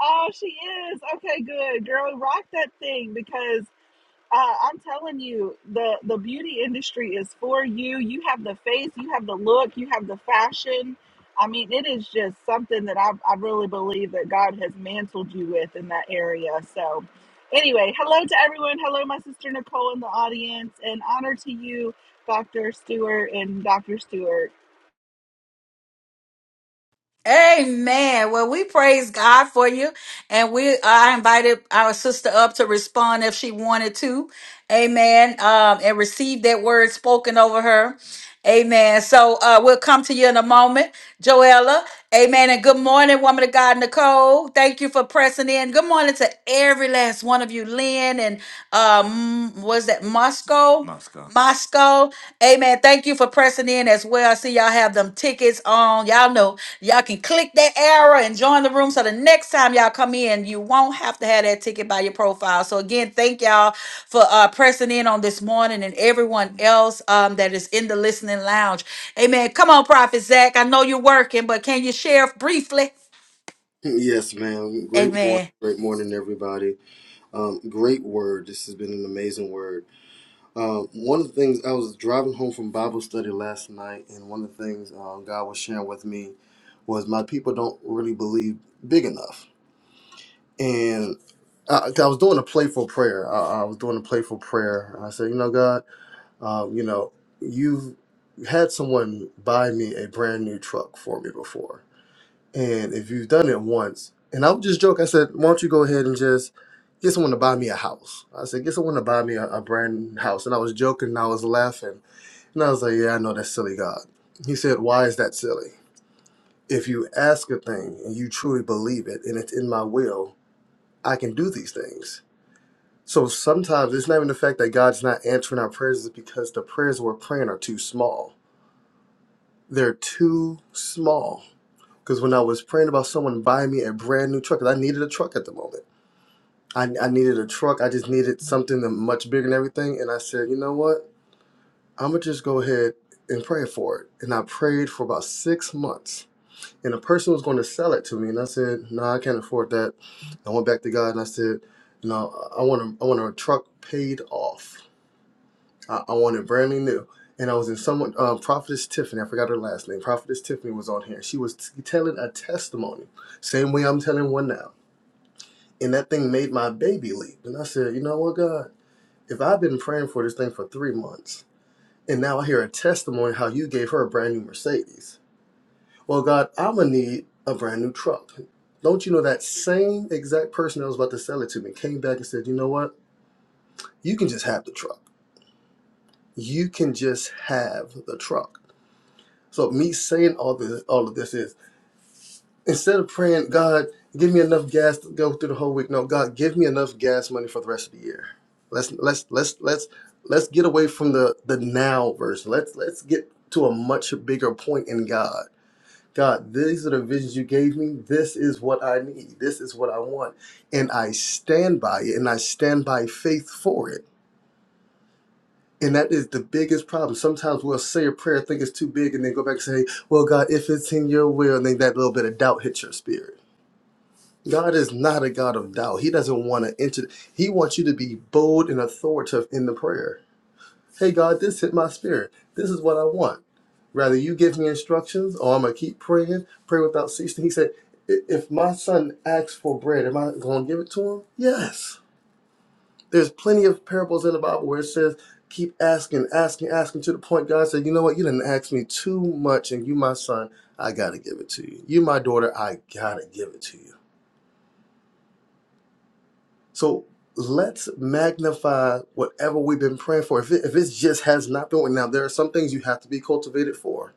S2: Oh, she is okay. Good girl, rock that thing because uh, I'm telling you, the the beauty industry is for you. You have the face, you have the look, you have the fashion. I mean, it is just something that I, I really believe that God has mantled you with in that area. So, anyway, hello to everyone. Hello, my sister Nicole in the audience, and honor to you, Dr. Stewart and Dr. Stewart.
S1: Amen. Well, we praise God for you. And we I invited our sister up to respond if she wanted to. Amen. Um, and receive that word spoken over her. Amen. So uh, we'll come to you in a moment. Joella. Amen. And good morning, woman of God, Nicole. Thank you for pressing in. Good morning to every last one of you, Lynn and um, was that Moscow? Moscow. Moscow. Amen. Thank you for pressing in as well. I see y'all have them tickets on. Y'all know y'all can click that arrow and join the room so the next time y'all come in, you won't have to have that ticket by your profile. So again, thank y'all for uh, pressing in on this morning and everyone else um, that is in the listening lounge. Amen. Come on, Prophet Zach. I know you're working, but can you share briefly?
S5: Yes, ma'am. Great morning,
S1: Amen.
S5: great morning, everybody. Um, great word. This has been an amazing word. Um, one of the things I was driving home from Bible study last night, and one of the things um, God was sharing with me was my people don't really believe big enough. And I, I was doing a playful prayer. I, I was doing a playful prayer. And I said, you know, God, um, you know, you've had someone buy me a brand new truck for me before and if you've done it once, and I would just joke, I said, why don't you go ahead and just get someone to buy me a house? I said, get someone to buy me a, a brand new house. And I was joking and I was laughing. And I was like, yeah, I know that's silly, God. He said, why is that silly? If you ask a thing and you truly believe it and it's in my will, I can do these things. So sometimes it's not even the fact that God's not answering our prayers, it's because the prayers we're praying are too small. They're too small Because when I was praying about someone buying me a brand new truck, 'cause I needed a truck at the moment. I, I needed a truck. I just needed something that much bigger and everything. And I said, you know what? I'm going to just go ahead and pray for it. And I prayed for about six months. And a person was going to sell it to me. And I said, no, I can't afford that. I went back to God and I said, no, I want, a, I want a truck paid off. I, I wanted brand new. And I was in someone, uh, Prophetess Tiffany, I forgot her last name. Prophetess Tiffany was on here. She was t- telling a testimony, same way I'm telling one now. And that thing made my baby leap. And I said, you know what, God, if I've been praying for this thing for three months, and now I hear a testimony how you gave her a brand new Mercedes. Well, God, I'm going to need a brand new truck. Don't you know that same exact person that was about to sell it to me came back and said, you know what? You can just have the truck. You can just have the truck. So me saying all this, all of this is instead of praying, God, give me enough gas to go through the whole week. No, God, give me enough gas money for the rest of the year. Let's let's let's let's let's get away from the the now version. Let's let's get to a much bigger point in God. God, these are the visions you gave me. This is what I need. This is what I want. And I stand by it and I stand by faith for it and that is the biggest problem. Sometimes we'll say a prayer, think it's too big, and then go back and say, Well, God, if it's in your will, and then that little bit of doubt hits your spirit. God is not a God of doubt. He doesn't want to enter, He wants you to be bold and authoritative in the prayer. Hey, God, this hit my spirit. This is what I want. Rather you give me instructions or I'm going to keep praying, pray without ceasing. He said, "I- If my son asks for bread, am I going to give it to him? Yes. There's plenty of parables in the Bible where it says, keep asking, asking, asking to the point God said, you know what, you didn't ask me too much, and you, my son, I gotta give it to you. You, my daughter, I gotta give it to you. So let's magnify whatever we've been praying for. If it, if it just has not been, now there are some things you have to be cultivated for.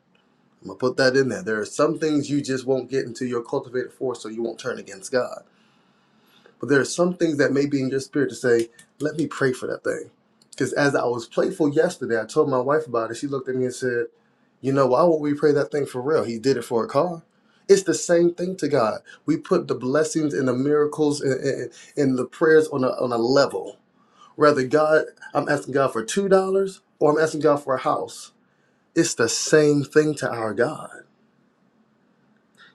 S5: I'm gonna put that in there. There are some things you just won't get until you're cultivated for, so you won't turn against God But there are some things that may be in your spirit to say, let me pray for that thing. Because as I was playful yesterday, I told my wife about it. She looked at me and said, You know, why would we pray that thing for real? He did it for a car. It's the same thing to God. We put the blessings and the miracles and, and, and the prayers on a, on a level. Rather, God, I'm asking God for $2 or I'm asking God for a house. It's the same thing to our God.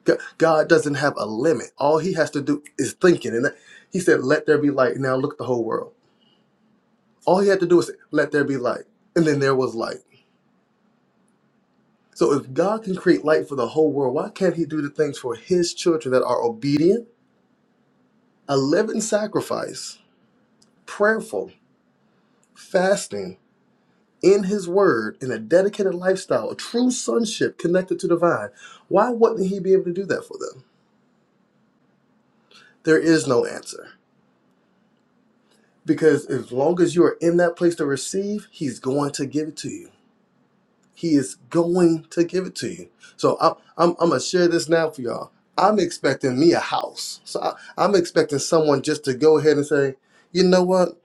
S5: G- God doesn't have a limit. All he has to do is thinking. And that, he said, Let there be light. Now look at the whole world. All he had to do was say, let there be light. And then there was light. So if God can create light for the whole world, why can't he do the things for his children that are obedient, a living sacrifice, prayerful, fasting, in his word, in a dedicated lifestyle, a true sonship connected to the vine? Why wouldn't he be able to do that for them? There is no answer. Because as long as you are in that place to receive, he's going to give it to you. He is going to give it to you. So I'm, I'm, I'm gonna share this now for y'all. I'm expecting me a house. So I, I'm expecting someone just to go ahead and say, you know what?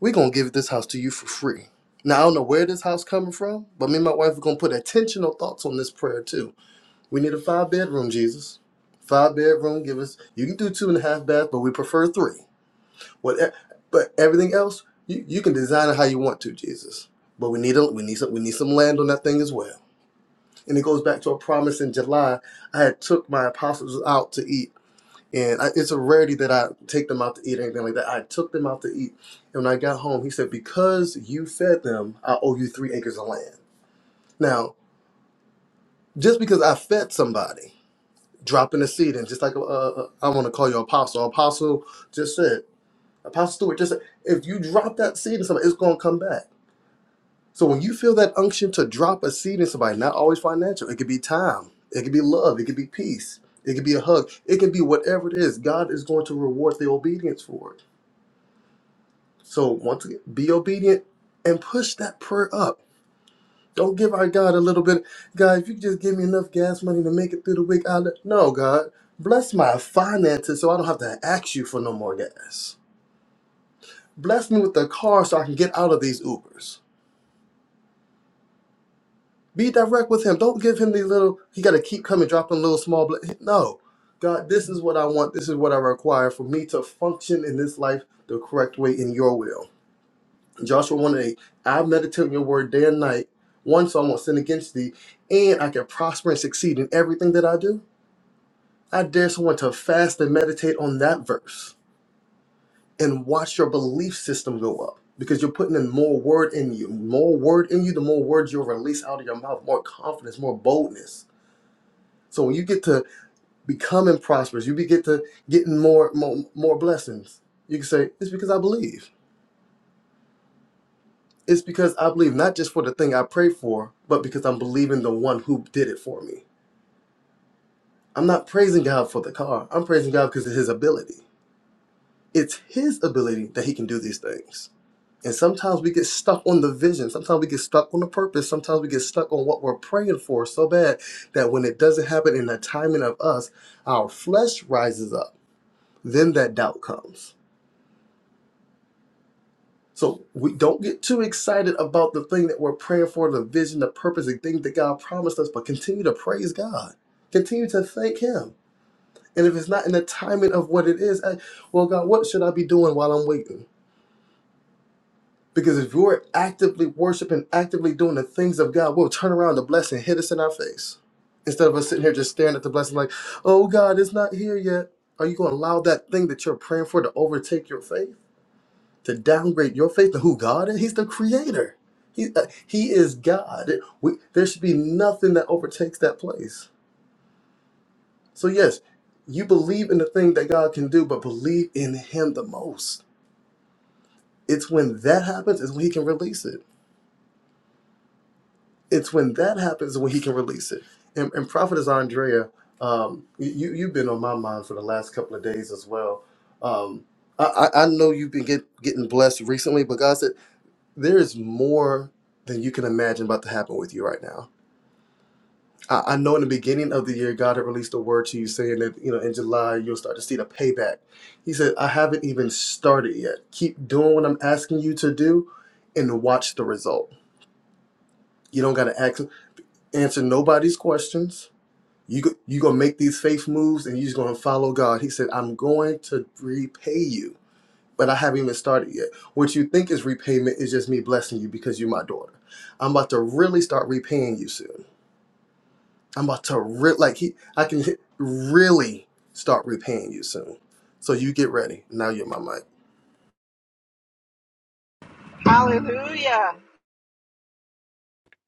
S5: We're gonna give this house to you for free. Now I don't know where this house coming from, but me and my wife are gonna put intentional thoughts on this prayer too. We need a five bedroom, Jesus. Five bedroom, give us. You can do two and a half baths, but we prefer three. What? e, But everything else, you, you can design it how you want to, Jesus. But we need a, we need some we need some land on that thing as well and it goes back to a promise in July. I had took my apostles out to eat, and I, it's a rarity that I take them out to eat or anything like that. I took them out to eat, and when I got home, he said, "Because you fed them, I owe you three acres of land." Now, just because I fed somebody, dropping a seed, and just like uh, uh, I want to call you apostle, apostle just said, apostle Stewart just said, if you drop that seed in somebody, it's gonna come back. So when you feel that unction to drop a seed in somebody, not always financial, it could be time, it could be love, it could be peace, it could be a hug, it could be whatever it is. God is going to reward the obedience for it. So once again, be obedient and push that prayer up. Don't give our God a little bit, God. If you could just give me enough gas money to make it through the week, I let no God bless my finances so I don't have to ask you for no more gas. Bless me with a car so I can get out of these Ubers Be direct with him. Don't give him these little. He got to keep coming, dropping little small. Bl- no, God, this is what I want. This is what I require for me to function in this life the correct way in Your will. Joshua one and eight. I meditate on Your word day and night. One, so I won't sin against Thee, and I can prosper and succeed in everything that I do. I dare someone to fast and meditate on that verse and watch your belief system go up because you're putting in more word in you. More word in you, the more words you'll release out of your mouth. More confidence, more boldness So when you get to becoming prosperous, you be- get to getting more, more more blessings. You can say it's because I believe. It's because I believe not just for the thing I pray for, but because I'm believing the one who did it for me. I'm not praising God for the car. I'm praising God because of His ability. It's His ability that He can do these things. And sometimes we get stuck on the vision. Sometimes we get stuck on the purpose. Sometimes we get stuck on what we're praying for so bad that when it doesn't happen in the timing of us, our flesh rises up. Then that doubt comes So we don't get too excited about the thing that we're praying for, the vision, the purpose, the thing that God promised us, but continue to praise God. Continue to thank Him. And if it's not in the timing of what it is, I, well, God, what should I be doing while I'm waiting? Because if you're actively worshiping, actively doing the things of God, we'll turn around the blessing hit us in our face. Instead of us sitting here just staring at the blessing like, oh God, it's not here yet. Are you going to allow that thing that you're praying for to overtake your faith? to downgrade your faith to who God is. He's the creator. He, uh, he is God. We, there should be nothing that overtakes that place. So, yes, you believe in the thing that God can do, but believe in Him the most. It's when that happens, is when He can release it. It's when that happens, is when He can release it. And, and Prophetess Andrea, um, you, you've been on my mind for the last couple of days as well. Um, I, I I know you've been get, getting blessed recently, but God said. there is more than you can imagine about to happen with you right now. I, I know in the beginning of the year, God had released a word to you saying that, you know, in July, you'll start to see the payback. He said, I haven't even started yet. Keep doing what I'm asking you to do and watch the result. You don't got to ask, answer nobody's questions. You, go- you going to make these faith moves and you are just going to follow God. He said, I'm going to repay you but I haven't even started yet. What you think is repayment is just me blessing you because you're my daughter. I'm about to really start repaying you soon. I'm about to re- like he, I can hit- really start repaying you soon. So you get ready. Now you're my mic.
S2: Hallelujah.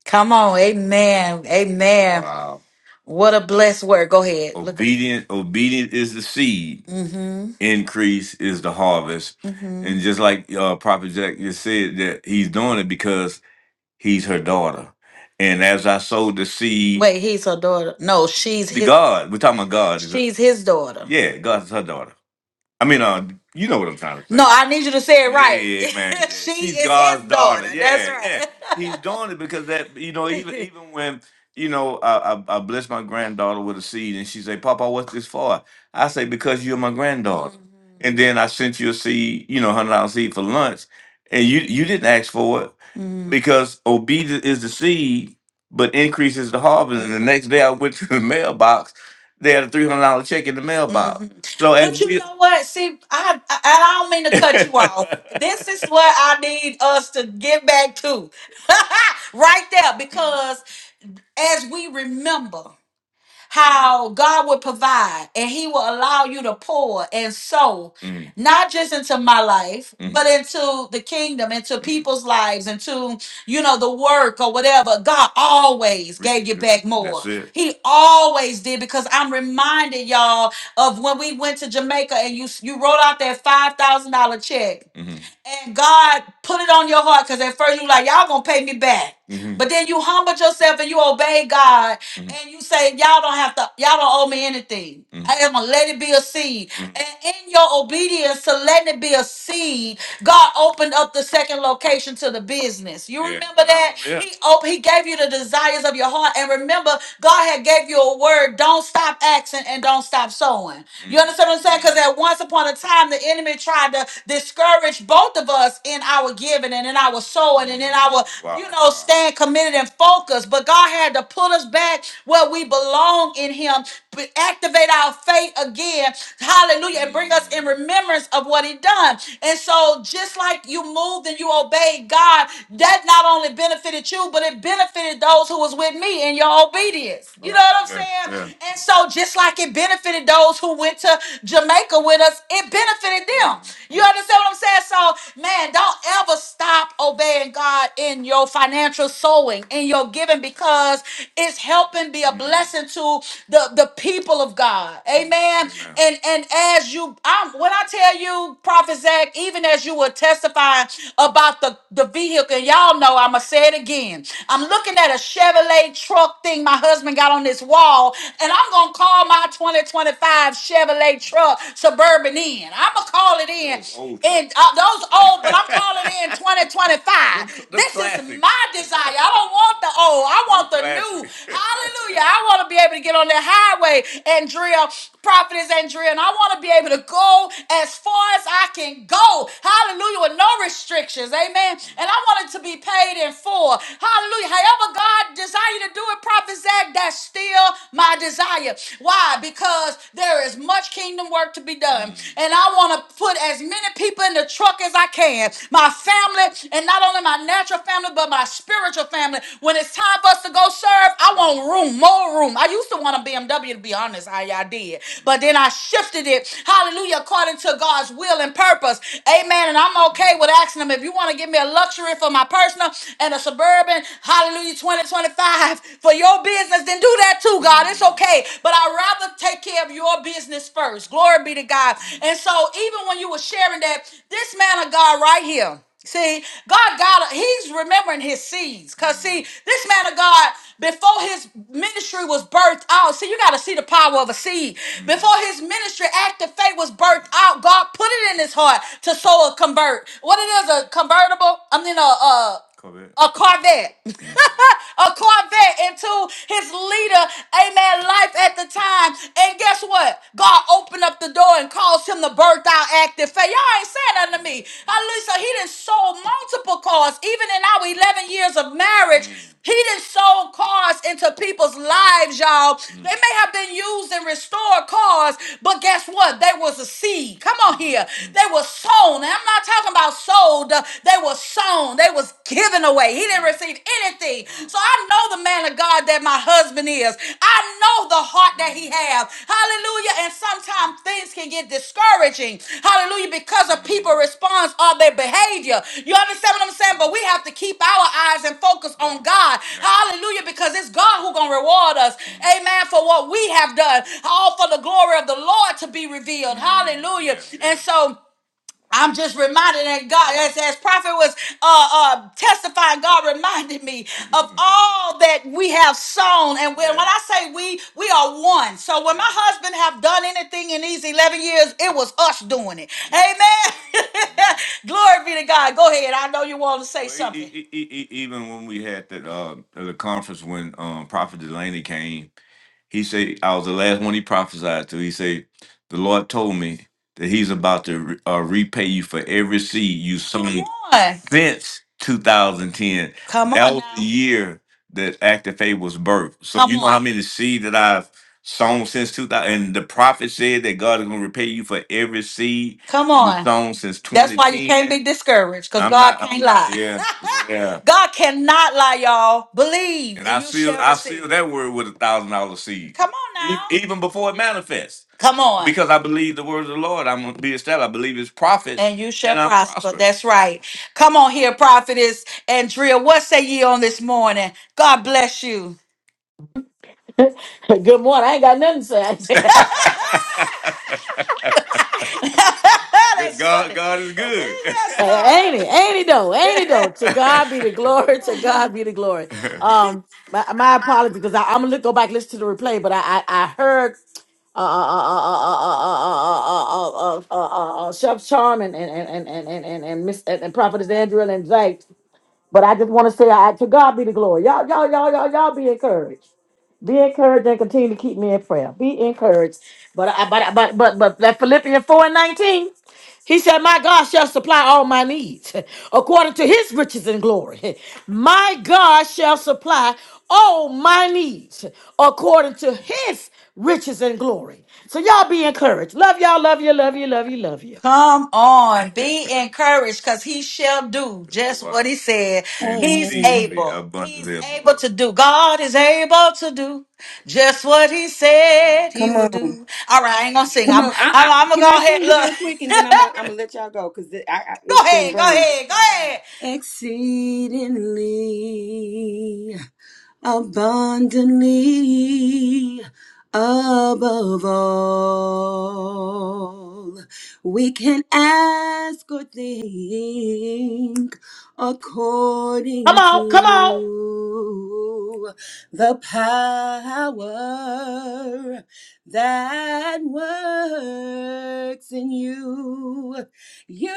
S1: Come on. Amen. Amen. Wow. What a blessed word. Go ahead. Look. Obedient, obedient is the seed. Mm-hmm. Increase is the harvest. Mm-hmm. And just like uh, Prophet Jack just said, that he's doing it because he's her daughter. And as I sowed the seed, Wait, he's her daughter. No, she's the his God, we're talking about God. she's his daughter. Yeah, God's her daughter. I mean, uh, you know what I'm trying to say. No, say. I need you to say it Yeah, right. Yeah, man. she she's is his God's his daughter. daughter. That's Yeah, yeah. He's right. doing it because that you know even even when you know I I, I bless my granddaughter with a seed and she say, "Papa, what's this for?" I say, "Because you're my granddaughter." And then I sent you a seed, you know, hundred dollar seed for lunch, and you you didn't ask for it Mm-hmm. because obedience is the seed, but increases the harvest. And the next day I went to the mailbox. They had a three hundred dollar check in the mailbox. So and But you we, know what? See, I, I I don't mean to cut you off. This is what I need us to get back to, right there, because as we remember how God would provide and He will allow you to pour and sow, Mm. not just into my life, Mm. but into the kingdom, into Mm. people's lives, into, you know, the work or whatever. God always gave you back more. That's it. He always did because I'm reminded, y'all, of when we went to Jamaica and you you wrote out that $5,000 check Mhm. and God put it on your heart because at first you like, y'all gonna pay me back. Mhm. But then you humbled yourself and you obeyed God Mhm. and you say y'all don't have to y'all don't owe me anything Mhm. i am gonna let it be a seed Mhm. and in your obedience to letting it be a seed god opened up the second location to the business you Yeah. remember that Yeah. he op- he gave you the desires of your heart and remember god had gave you a word don't stop asking and don't stop sowing you understand what I'm saying? Because at once upon a time, the enemy tried to discourage both of us in our giving and in our sowing and in our, Wow. you know, staying committed and focused. But God had to pull us back where we belong in Him, but activate our faith again. Hallelujah. And bring us in remembrance of what He done. And so, just like you moved and you obeyed God, that not only benefited you, but it benefited those who was with me in your obedience. You know what I'm Yeah. saying? Yeah. And so, just like it it benefited those who went to Jamaica with us. It benefited them. You understand what I'm saying? So, man, don't ever stop obeying God in your financial sowing, in your giving, because it's helping be a blessing to the, the people of God. Amen. Amen. And and as you I'm when I tell you, Prophet Zach, even as you were testifying about the, the vehicle, and y'all know I'ma say it again. I'm looking at a Chevrolet truck thing my husband got on this wall and I'm gonna call my 2025 Chevrolet truck Suburban in. I'm gonna call it in. Those old And uh, those old, but I'm calling it in 2025. them them This is classics. my desire. I don't want the old. I Them want the new. classics. Hallelujah. I want to be able to get on the highway, Andrea, prophetess Andrea, and I want to be able to go as far as I can go. Hallelujah. With no restrictions. Amen. And I want it to be paid in full. Hallelujah. However, God desire you to do it, prophet Zach that's still my desire. Why? Because there is much kingdom work to be done. And I want to put as many people in the truck as I can. My family, and not only my natural family, but my spiritual family. When it's time for us to go serve, I want room, more room. I used to want a BMW, to be honest. I, I did. But then I shifted it, hallelujah, according to God's will and purpose. Amen. And I'm okay with asking them if you want to give me a luxury for my personal and a suburban, hallelujah, 2025 lives for your business, then do that too, God. It's okay. But I'd rather take care of your business first. Glory be to God. And so even when you were sharing that, this man of God right here. See, God got he's remembering his seeds. Cause see, this man of God, before his ministry was birthed out, see, you gotta see the power of a seed. Before his ministry, act of faith was birthed out, God put it in his heart to sow a convert. What it is, a convertible? I mean a a, Corvette. a Corvette. a Corvette into his leader, amen, life at the time. And guess what? God opened up the door and caused him to birth out active faith. Y'all ain't saying nothing to me. Hallelujah. He didn't sold multiple cars, even in our 11 years of marriage. Mm. He didn't sold cars into people's lives, y'all. Mm. They may have been used and restored cars, but guess what? They was a seed. Come on here. Mm. They were sown. And I'm not talking about sold. They were sown sown, they was given away. He didn't receive anything. So I know the man of God that my husband is. I know the heart that he has. Hallelujah. And sometimes things can get discouraging. Hallelujah. Because of people's response or their behavior. You understand what I'm saying? But we have to keep our eyes and focus on God. Hallelujah. Because it's God who's gonna reward us. Amen. For what we have done. All for the glory of the Lord to be revealed. Hallelujah. And so I'm just reminded that God, as, as prophet was uh, uh, testifying, God reminded me of all that we have sown. And when, when Yeah. I say we, we are one. So when my husband have done anything in these 11 years, it was us doing it. Amen. Glory be to God. Go ahead. I know you want to say Well, e- something. e- e- e- e- even when we had that uh, the conference when um, Prophet Delaney came. He say, I was the last one he prophesied to. He say, the Lord told me that he's about to re- uh, repay you for every seed you sown Come on. since 2010. Come That on was the now. year that Active Faith was birthed. So Come you know how on. many seed that I've sown since 2000? And the prophet said that God is going to repay you for every seed Come you on. sown since That's twenty why you 2010. can't be discouraged because I'm God not. can't lie. yeah. Yeah. God cannot lie, y'all. Believe And and I and you seal shall I seal receive. that word with a thousand dollar seed. Come on E- now. Even before it manifests. Come on. Because I believe the words of the Lord. I'm gonna be established. I believe his prophets And you shall and I'm prosper. prospered. That's right. Come on here, prophetess Andrea. What say ye on this morning? God bless you.
S6: Good morning. I ain't got nothing to say.
S1: That's God, funny. God is good.
S6: Like, ain't it? Ain't it though? Ain't it though? To
S1: Yes,
S6: God be the glory. To
S1: Lord.
S6: God be the glory. Um, my, my apologies because I'm gonna look, go back listen to the replay, but I I, I heard uh uh uh uh uh uh uh uh uh uh, uh, uh uh, uh, Chef Charm and and and and and and and, and Miss and, and Prophetess Andrea and Zay. But I just want to say, I, to God be the glory. Y'all, y'all, y'all, y'all, y'all be encouraged. Be encouraged and continue to keep me in prayer. Be encouraged. But I, but, but, but, but that Philippians 4 and 19, he said, My God shall supply all my needs according to his riches and glory. My God shall supply all my needs according to his riches and glory. So y'all be encouraged. Love y'all, love you, love you, love you, love you.
S1: Come on, be encouraged, because he shall do just Well, what he said. and He's exceedingly
S3: Amen.
S1: able. He's abundantly above able to do. God is able to do just what he said he
S3: Come
S1: will
S3: on.
S1: do. All right, I ain't gonna sing.
S3: Come
S1: I'm
S3: on. I, I
S1: I'm, I'm gonna
S3: can
S1: go
S3: I
S1: ahead.
S3: sing it real
S1: Look,
S3: quick and then I'm gonna I'm to let y'all go because I, I,
S1: go
S3: it's been
S1: ahead, go
S3: burning.
S1: ahead, go ahead.
S3: Exceedingly abundantly above all we can ask or think
S6: Come
S3: according
S6: on, come on.
S3: to the power that works in you you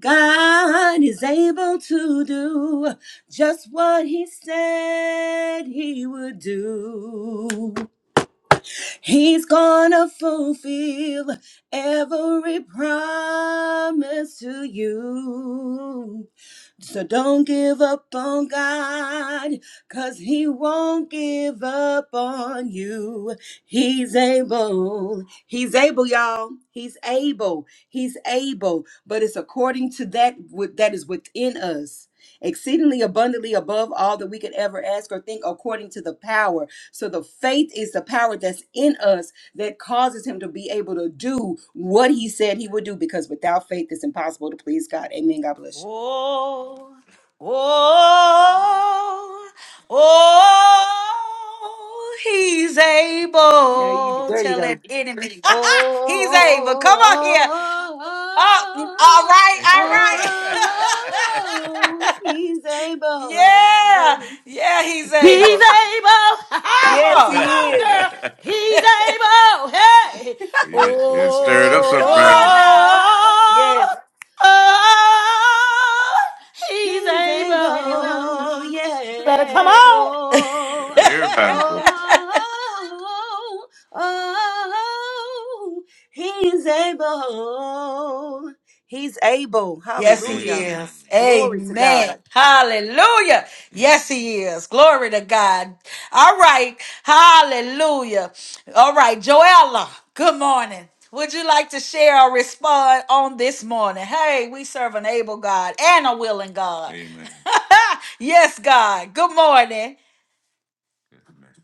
S3: God is able to do just what he said he would do. He's gonna fulfill every promise to you. So don't give up on God, cause He won't give up on you. He's able. He's able, y'all. He's able. He's able. But it's according to that wi- that is within us. Exceedingly abundantly above all that we could ever ask or think, according to the power. So, the faith is the power that's in us that causes him to be able to do what he said he would do, because without faith, it's impossible to please God. Amen. God bless you.
S1: Oh, oh, oh, he's
S3: There you
S1: able.
S3: there you
S1: Tell
S3: go.
S1: that enemy. He's
S3: Oh,
S1: able. Come on here. Oh,
S3: oh,
S1: all
S3: oh,
S1: right, all
S3: oh, oh,
S1: right.
S3: he's able.
S1: yeah, yeah, he's
S6: He's able.
S1: able. Come
S6: Ha-ha!
S3: Yes,
S1: on,
S6: Come
S3: he
S6: on,
S3: is.
S6: girl. He's able. Hey.
S1: yeah, it stirred
S6: Oh.
S1: up come something around on now.
S3: Yes,
S6: oh he's
S3: he's able.
S6: able. Better come
S3: Yeah.
S6: on.
S3: Oh,
S1: everybody.
S3: oh, oh, oh, he's able. He's able.
S1: Yes, he
S3: Hallelujah.
S1: is.
S3: Glory to God.
S1: Amen. Hallelujah. Yes, he is. Glory to God. All right. Hallelujah. All right, Joella. Good morning. Would you like to share or respond on this morning? Hey, we serve an able God and a willing God. Amen. yes, God. Good morning.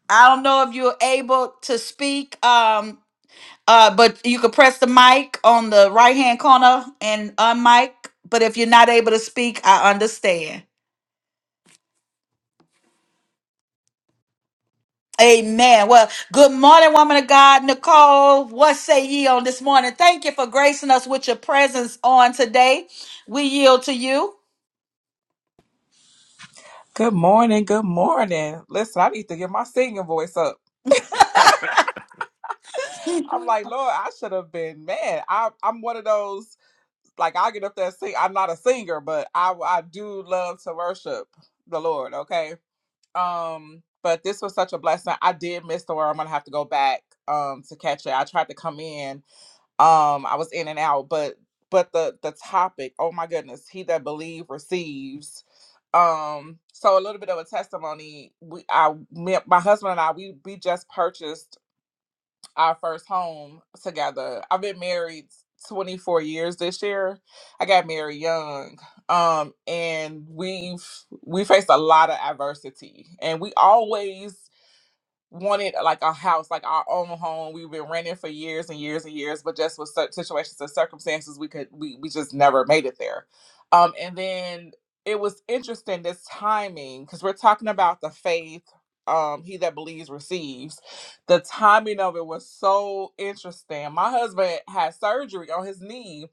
S1: I don't know if you're able to speak. Um, uh, but you could press the mic on the right hand corner and unmic. But if you're not able to speak, I understand. Amen. Well, good morning, woman of God. Nicole, what say ye on this morning? Thank you for gracing us with your presence on today. We yield to you.
S7: Good morning. Good morning. Listen, I need to get my singing voice up. I'm like, Lord, I should have been, man. I, I'm one of those, like, I get up there and sing. I'm not a singer, but I, I do love to worship the Lord, okay? Um, but this was such a blessing. I did miss the word. I'm going to have to go back um, to catch it. I tried to come in um i was in and out but but the the topic oh my goodness he that believe receives um so a little bit of a testimony we i me, my husband and i we we just purchased our first home together i've been married 24 years this year i got married young um and we've we faced a lot of adversity and we always wanted like a house, like our own home. We've been renting for years and years and years, but just with such situations and circumstances, we could we we just never made it there. Um, and then it was interesting this timing because we're talking about the faith. Um, he that believes receives. The timing of it was so interesting. My husband had surgery on his knee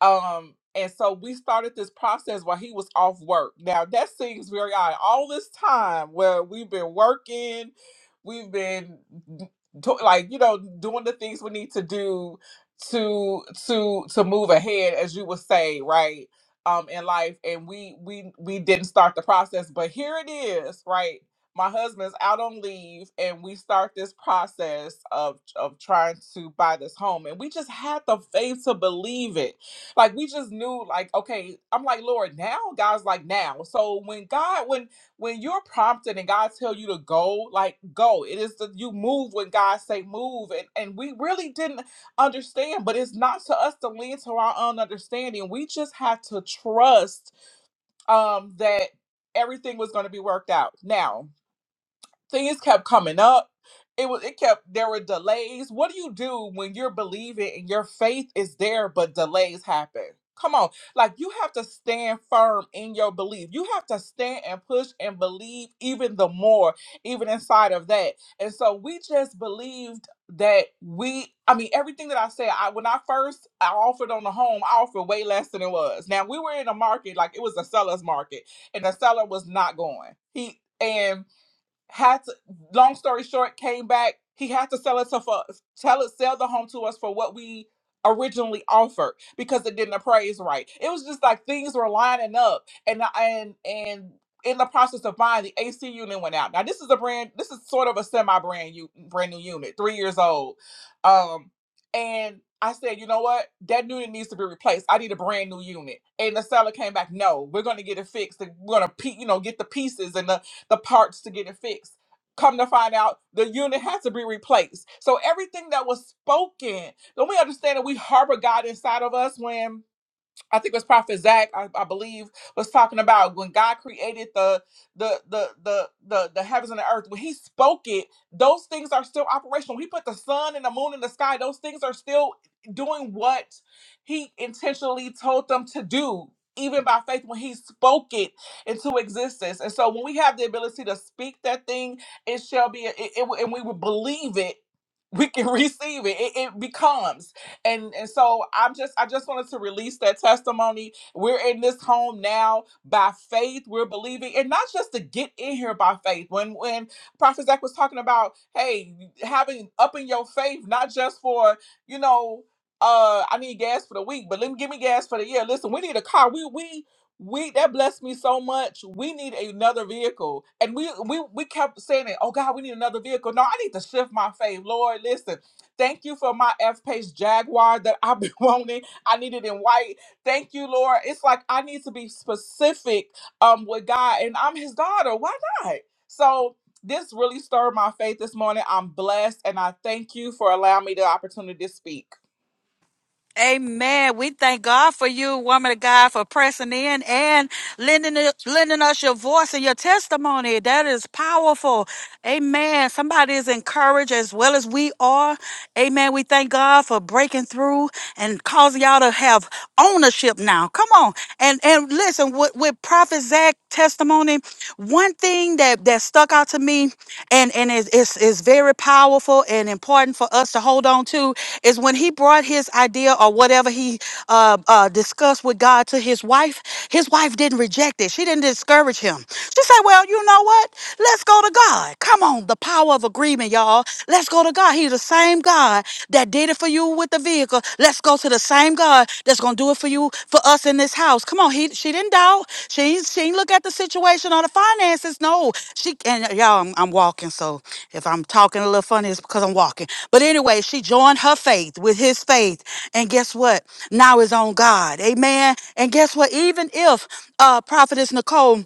S7: um, and so we started this process while he was off work. Now that seems very odd. All this time where we've been working, we've been do, like you know doing the things we need to do to to to move ahead, as you would say, right? Um, in life, and we we we didn't start the process, but here it is, right? My husband's out on leave, and we start this process of of trying to buy this home, and we just had the faith to believe it like we just knew like okay i'm like lord now god's like now so when god when when you're prompted and god tell you to go like go it is that you move when god say move and and we really didn't understand but it's not to us to lean to our own understanding we just had to trust um that everything was going to be worked out now things kept coming up. It was it kept there were delays. What do you do when you're believing and your faith is there but delays happen? Come on. Like you have to stand firm in your belief. You have to stand and push and believe even the more even inside of that. And so we just believed that we I mean everything that I said I when I first I offered on the home I offered way less than it was. Now we were in a market like it was a seller's market and the seller was not going. He and had to long story short came back he had to sell it to for tell it sell the home to us for what we originally offered because it didn't appraise right it was just like things were lining up and uh, and and in the process of buying the ac unit went out now this is a brand this is sort of a semi brand you brand new unit three years old um and I said, you know what? That unit needs to be replaced. I need a brand new unit. And the seller came back, no, we're going to get it fixed. and We're going to, you know, get the pieces and the the parts to get it fixed. Come to find out, the unit has to be replaced. So everything that was spoken, don't we understand that we harbor God inside of us when? I think it was Prophet Zach, I, I believe, was talking about when God created the the the the the the heavens and the earth. When He spoke it, those things are still operational. When He put the sun and the moon in the sky; those things are still doing what He intentionally told them to do. Even by faith, when he spoke it into existence, and so when we have the ability to speak that thing, it shall be, it, it, and we will believe it. We can receive it. It, it becomes and and so i'm just i just wanted to release that testimony we're in this home now by faith we're believing and not just to get in here by faith when when prophet zach was talking about hey having up in your faith not just for you know uh i need gas for the week but let me give me gas for the year listen we need a car we we we that blessed me so much. We need another vehicle, and we we we kept saying it. Oh God, we need another vehicle. No, I need to shift my faith, Lord. Listen, Thank you for my F Pace Jaguar that I've been wanting. I need it in white. Thank you, Lord. It's like I need to be specific um, with God, and I'm his daughter. Why not? So, this really stirred my faith this morning. I'm blessed, and I thank you for allowing me the opportunity to speak.
S1: Amen. We thank God for you, woman of God, for pressing in and lending, lending us your voice and your testimony. That is powerful. Amen. Somebody is encouraged as well as we are. Amen. We thank God for breaking through and causing y'all to have ownership now. Come on. And and listen, with, with Prophet Zach testimony, one thing that, that stuck out to me and, and is, is, is very powerful and important for us to hold on to is when he brought his idea or whatever he uh, uh, discussed with God to his wife, his wife didn't reject it. She didn't discourage him. She said, Well, you know know what? Let's go to God. Come on, the power of agreement, y'all. Let's go to God. He's the same God that did it for you with the vehicle. Let's go to the same God that's gonna do it for you for us in this house. Come on, he she didn't doubt. She ain't, she ain't look at the situation or the finances. No, she and y'all. I'm, I'm walking, so if I'm talking a little funny, it's because I'm walking. But anyway, she joined her faith with his faith, and guess what? Now it's on God. Amen. And guess what? Even if uh, prophetess Nicole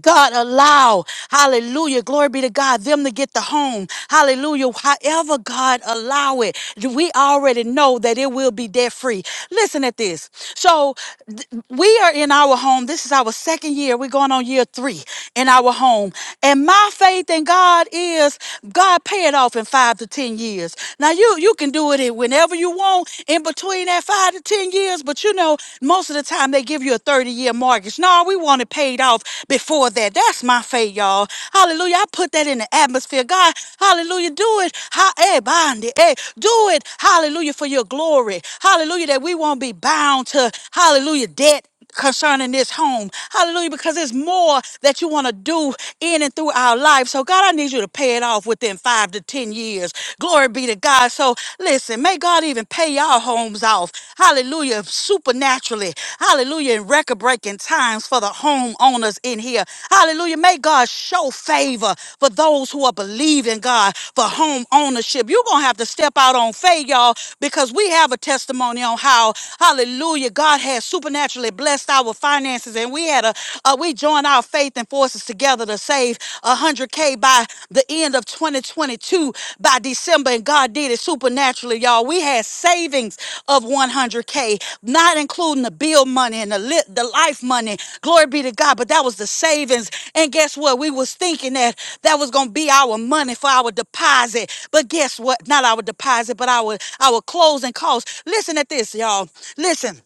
S1: God allow, hallelujah, glory be to God, them to get the home, hallelujah, however God allow it, we already know that it will be debt free. Listen at this. So th- we are in our home. This is our second year. We're going on year three in our home. And my faith in God is God pay it off in five to ten years. Now you you can do it in whenever you want in between that five to ten years years, but you know, most of the time they give you a 30 year mortgage. No, we want it paid off before that. That's my faith, y'all. Hallelujah. I put that in the atmosphere. God, hallelujah. Do it. Ha- eh, bandi, eh. Do it. Hallelujah for your glory. Hallelujah that we won't be bound to, hallelujah, debt concerning this home. Hallelujah. Because there's more that you want to do in and through our life. So, God, I need you to pay it off within five to 10 years. Glory be to God. So, listen, may God even pay our homes off. Hallelujah. Supernaturally. Hallelujah. In record breaking times for the homeowners in here. Hallelujah. May God show favor for those who are believing God for home ownership. You're going to have to step out on faith, y'all, because we have a testimony on how, hallelujah, God has has supernaturally blessed our finances, and we had a uh, we joined our faith and forces together to save 100k by the end of 2022 by December, and God did it supernaturally, y'all. We had savings of 100k, not including the bill money and the lit, the life money. Glory be to God, but that was the savings. And guess what? We was thinking that that was gonna be our money for our deposit, but guess what? Not our deposit, but our our closing costs. Listen at this, y'all. Listen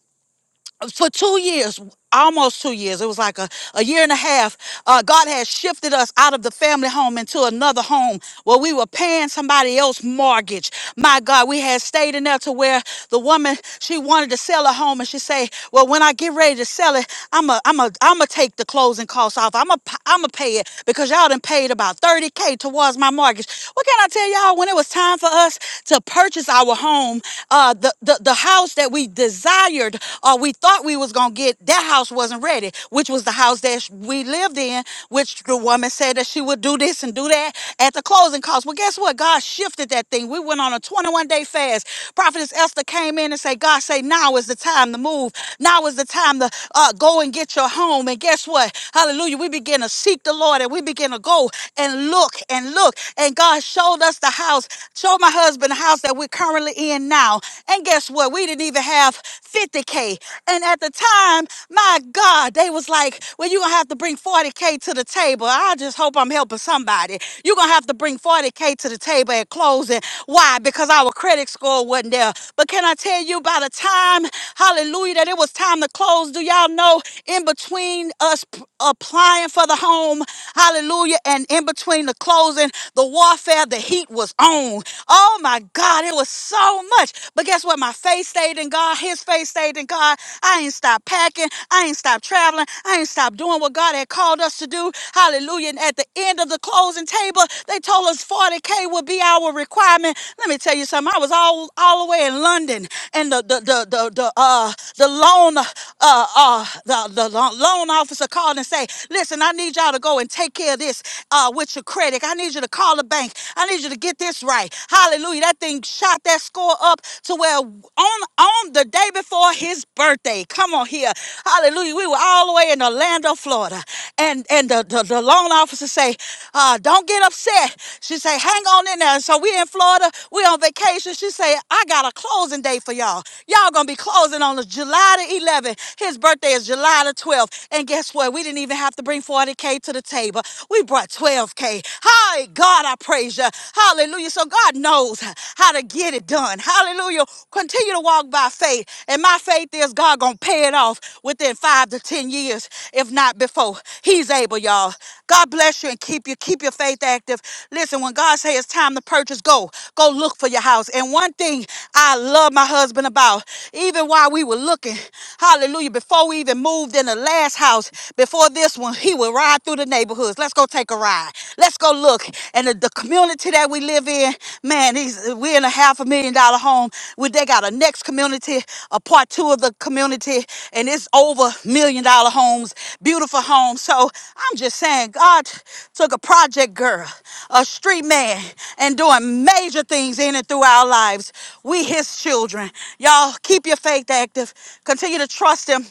S1: for two years, almost two years, it was like a, a year and a half, uh, God had shifted us out of the family home into another home where we were paying somebody else mortgage. My God, we had stayed in there to where the woman, she wanted to sell her home and she say, well, when I get ready to sell it, I'm a, I'm a, I'm a take the closing costs off. I'm a, I'm a pay it because y'all done paid about 30K towards my mortgage. What can I tell y'all? When it was time for us to purchase our home, uh, the, the, the house that we desired desired or we thought we was gonna get, that house wasn't ready, which was the house that sh- we lived in, which the woman said that she would do this and do that at the closing cost. Well, guess what? God shifted that thing. We went on a 21 day fast. Prophetess Esther came in and said, God say now is the time to move. Now is the time to uh, go and get your home. And guess what? Hallelujah. We begin to seek the Lord and we begin to go and look and look. And God showed us the house, showed my husband the house that we're currently in now. And guess what? We didn't didn't even have 50K. And at the time, my God, they was like, well, you're going to have to bring 40K to the table. I just hope I'm helping somebody. You're going to have to bring 40K to the table at closing. Why? Because our credit score wasn't there. But can I tell you, by the time, hallelujah, that it was time to close, do y'all know in between us p- applying for the home, hallelujah, and in between the closing, the warfare, the heat was on. Oh my God, it was so much. But guess but guess what? My faith stayed in God. His faith stayed in God. I ain't stopped packing. I ain't stopped traveling. I ain't stopped doing what God had called us to do. Hallelujah. And at the end of the closing table, they told us 40K would be our requirement. Let me tell you something. I was all, all the way in London and the, the, the, the, the, uh, the loan, uh, uh, the, the lo- loan officer called and say, listen, I need y'all to go and take care of this, uh, with your credit. I need you to call the bank. I need you to get this right. Hallelujah. That thing shot that that score up to where on on the day before his birthday. Come on here. Hallelujah. We were all the way in Orlando, Florida. And and the, the, the loan officer say, uh, don't get upset. She say, hang on in there. So we in Florida, we on vacation. She say, I got a closing day for y'all. Y'all gonna be closing on the July the 11th. His birthday is July the 12th. And guess what? We didn't even have to bring 40K to the table. We brought 12K. Hi, God, I praise you. Hallelujah. So God knows how to get it done. Hallelujah. Continue to walk by faith. And my faith is God going to pay it off within five to 10 years, if not before. He's able, y'all. God bless you and keep you. Keep your faith active. Listen, when God says it's time to purchase, go. Go look for your house. And one thing I love my husband about, even while we were looking, hallelujah, before we even moved in the last house, before this one, he would ride through the neighborhoods. Let's go take a ride. Let's go look. And the, the community that we live in, in, man, these we're in a half a million dollar home. We they got a next community, a part two of the community, and it's over million dollar homes, beautiful homes. So I'm just saying, God took a project girl, a street man, and doing major things in and through our lives. We His children. Y'all keep your faith active. Continue to trust Him.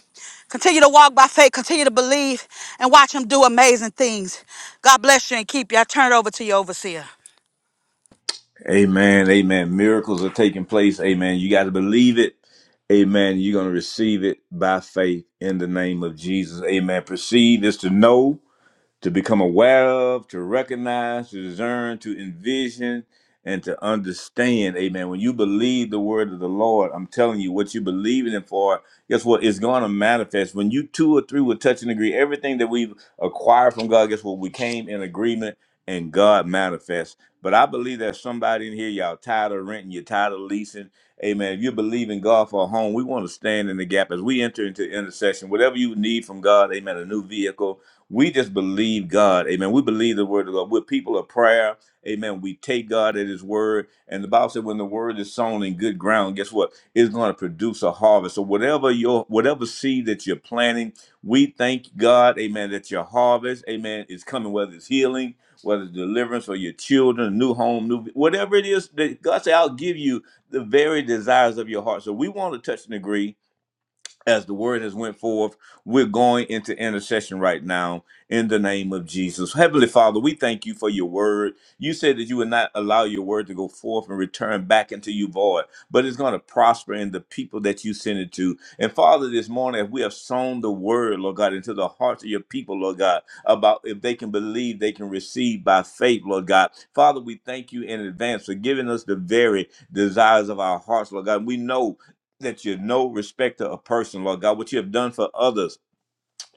S1: Continue to walk by faith. Continue to believe and watch him do amazing things. God bless you and keep you. I turn it over to your overseer.
S8: Amen. Amen. Miracles are taking place. Amen. You got to believe it. Amen. You're going to receive it by faith in the name of Jesus. Amen. Perceive is to know to become aware of, to recognize, to discern, to envision, and to understand. Amen. When you believe the word of the Lord, I'm telling you, what you believe in Him for, guess what? It's going to manifest. When you two or three will touch and agree, everything that we've acquired from God, guess what? We came in agreement and God manifests. But I believe there's somebody in here, y'all tired of renting, you're tired of leasing. Amen. If you believe in God for a home, we want to stand in the gap as we enter into intercession. Whatever you need from God, amen, a new vehicle, we just believe God. Amen. We believe the word of God. We're people of prayer. Amen. We take God at his word. And the Bible said when the word is sown in good ground, guess what? It's going to produce a harvest. So whatever your whatever seed that you're planting, we thank God, amen, that your harvest, amen, is coming, whether it's healing, whether it's deliverance for your children, new home, new whatever it is that God said, I'll give you the very desires of your heart. So we want to touch and agree as the word has went forth we're going into intercession right now in the name of jesus heavenly father we thank you for your word you said that you would not allow your word to go forth and return back into you void but it's going to prosper in the people that you send it to and father this morning if we have sown the word lord god into the hearts of your people lord god about if they can believe they can receive by faith lord god father we thank you in advance for giving us the very desires of our hearts lord god we know that you're no respecter of person, Lord God, what you have done for others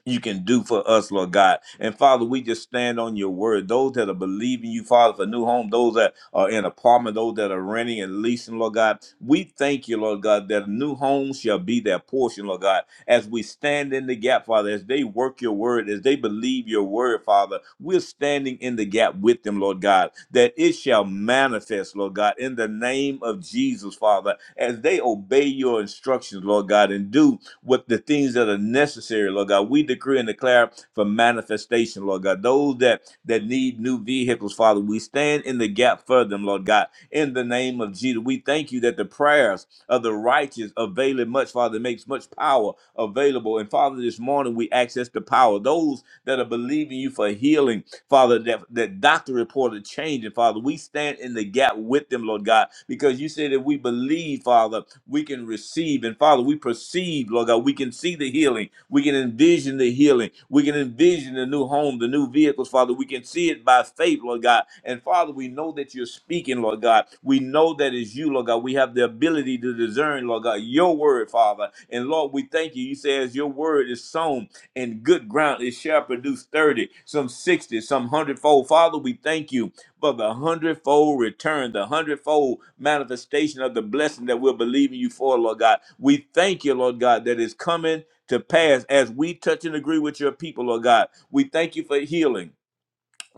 S8: you can do for us, Lord God. And Father, we just stand on your word. Those that are believing you, Father, for new home, those that are in apartment, those that are renting and leasing, Lord God, we thank you, Lord God, that a new home shall be their portion, Lord God. As we stand in the gap, Father, as they work your word, as they believe your word, Father, we're standing in the gap with them, Lord God, that it shall manifest, Lord God, in the name of Jesus, Father, as they obey your instructions, Lord God, and do with the things that are necessary, Lord God. We decree and declare for manifestation, Lord God. Those that that need new vehicles, Father, we stand in the gap for them, Lord God. In the name of Jesus, we thank you that the prayers of the righteous avail it much, Father, It makes much power available. And Father, this morning we access the power. Those that are believing you for healing, Father, that, that doctor reported change. And Father, we stand in the gap with them, Lord God, because you said that we believe, Father we can receive. And Father, we perceive, Lord God, we can see the healing. We can envision the healing. We can envision the new home, the new vehicles, Father. We can see it by faith, Lord God. And Father, we know that you're speaking, Lord God. We know that it's you, Lord God. We have the ability to discern, Lord God, your word, Father. And Lord, we thank you. You say, as your word is sown in good ground, it shall produce 30, some 60, some hundredfold. Father, we thank you for the hundredfold return, the hundredfold manifestation of the blessing that we're believing you for, Lord God. We thank you, Lord God, that is coming to pass as we touch and agree with your people, Lord God. We thank you for healing.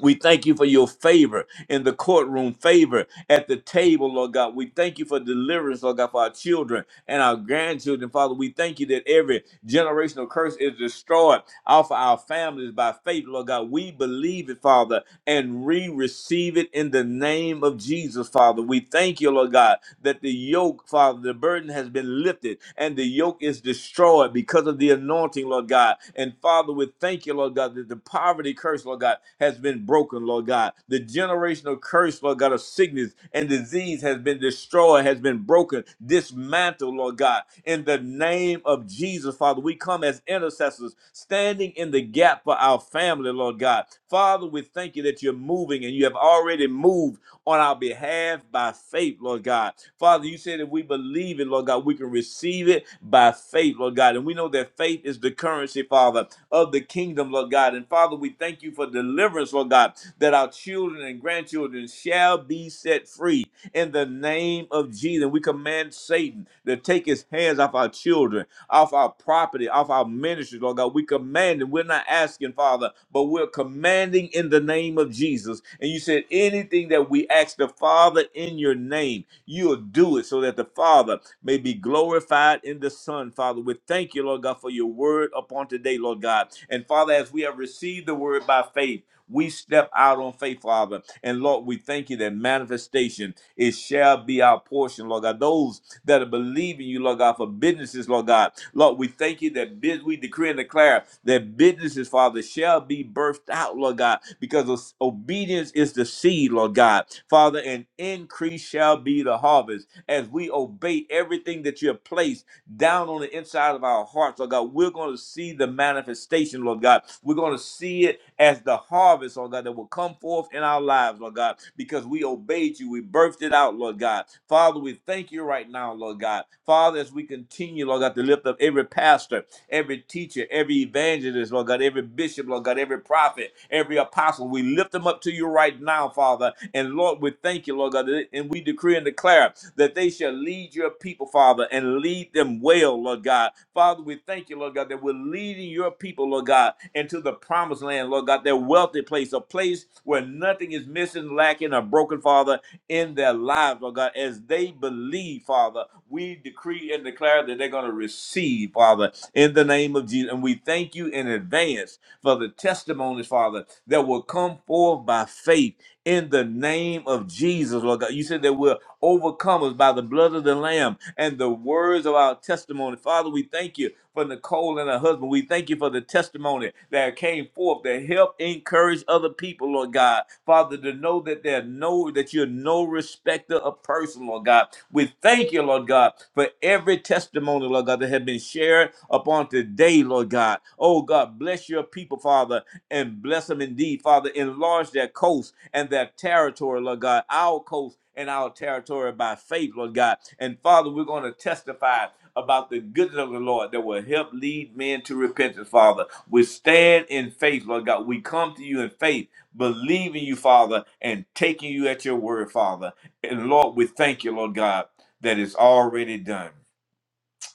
S8: We thank you for your favor in the courtroom, favor at the table, Lord God. We thank you for deliverance, Lord God, for our children and our grandchildren. Father, we thank you that every generational curse is destroyed off of our families by faith, Lord God. We believe it, Father, and we receive it in the name of Jesus, Father. We thank you, Lord God, that the yoke, Father, the burden has been lifted and the yoke is destroyed because of the anointing, Lord God. And Father, we thank you, Lord God, that the poverty curse, Lord God, has been broken, Lord God. The generational curse, Lord God, of sickness and disease has been destroyed, has been broken, dismantled, Lord God. In the name of Jesus, Father, we come as intercessors, standing in the gap for our family, Lord God. Father, we thank you that you're moving and you have already moved on our behalf by faith, Lord God. Father, you said if we believe it, Lord God, we can receive it by faith, Lord God. And we know that faith is the currency, Father, of the kingdom, Lord God. And Father, we thank you for deliverance, Lord God, that our children and grandchildren shall be set free in the name of Jesus. We command Satan to take his hands off our children off our property, off our ministry, Lord God. We command it. We're not asking, Father, but we're commanding in the name of Jesus. And you said anything that we ask the Father in your name, you'll do it so that the Father may be glorified in the Son, Father. We thank you, Lord God, for your word upon today, Lord God. And Father, as we have received the word by faith, we step out on faith, Father. And Lord, we thank you that manifestation, it shall be our portion, Lord God. Those that are believing you, Lord God, for businesses, Lord God. Lord, we thank you that biz- we decree and declare that businesses, Father, shall be birthed out, Lord God, because os- obedience is the seed, Lord God. Father, and increase shall be the harvest as we obey everything that you have placed down on the inside of our hearts, Lord God. We're going to see the manifestation, Lord God. We're going to see it as the harvest, Lord God, that will come forth in our lives, Lord God, because we obeyed you. We birthed it out, Lord God. Father, we thank you right now, Lord God. Father, as we continue, Lord God, to lift up every pastor every teacher, every evangelist, Lord God, every bishop, Lord God, every prophet, every apostle. We lift them up to you right now, Father. And Lord, we thank you, Lord God, that- and we decree and declare that they shall lead your people, Father, and lead them well, Lord God. Father, we thank you, Lord God, that we're leading your people, Lord God, into the promised land, Lord God, their wealthy place, a place where nothing is missing, lacking, or broken, Father in their lives, oh God, as they believe, Father. We decree and declare that they're going to receive, Father, in the name of Jesus. And we thank you in advance for the testimonies, Father, that will come forth by faith in the name of Jesus, Lord God. You said that we're overcomers by the blood of the Lamb and the words of our testimony. Father, we thank you for Nicole and her husband. We thank you for the testimony that came forth to help encourage other people, Lord God. Father, to know that there are no that you're no respecter of person, Lord God. We thank you, Lord God, for every testimony, Lord God, that have been shared upon today, Lord God. Oh God, bless your people, Father and bless them indeed, Father. Enlarge their coast and their territory, Lord God, our coast and our territory by faith, Lord God. And Father, we're going to testify about the goodness of the Lord that will help lead men to repentance, Father. We stand in faith, Lord God. We come to you in faith, believing you, Father, and taking you at your word, Father. And Lord, we thank you, Lord God, that it's already done.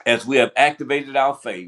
S8: As we have activated our faith,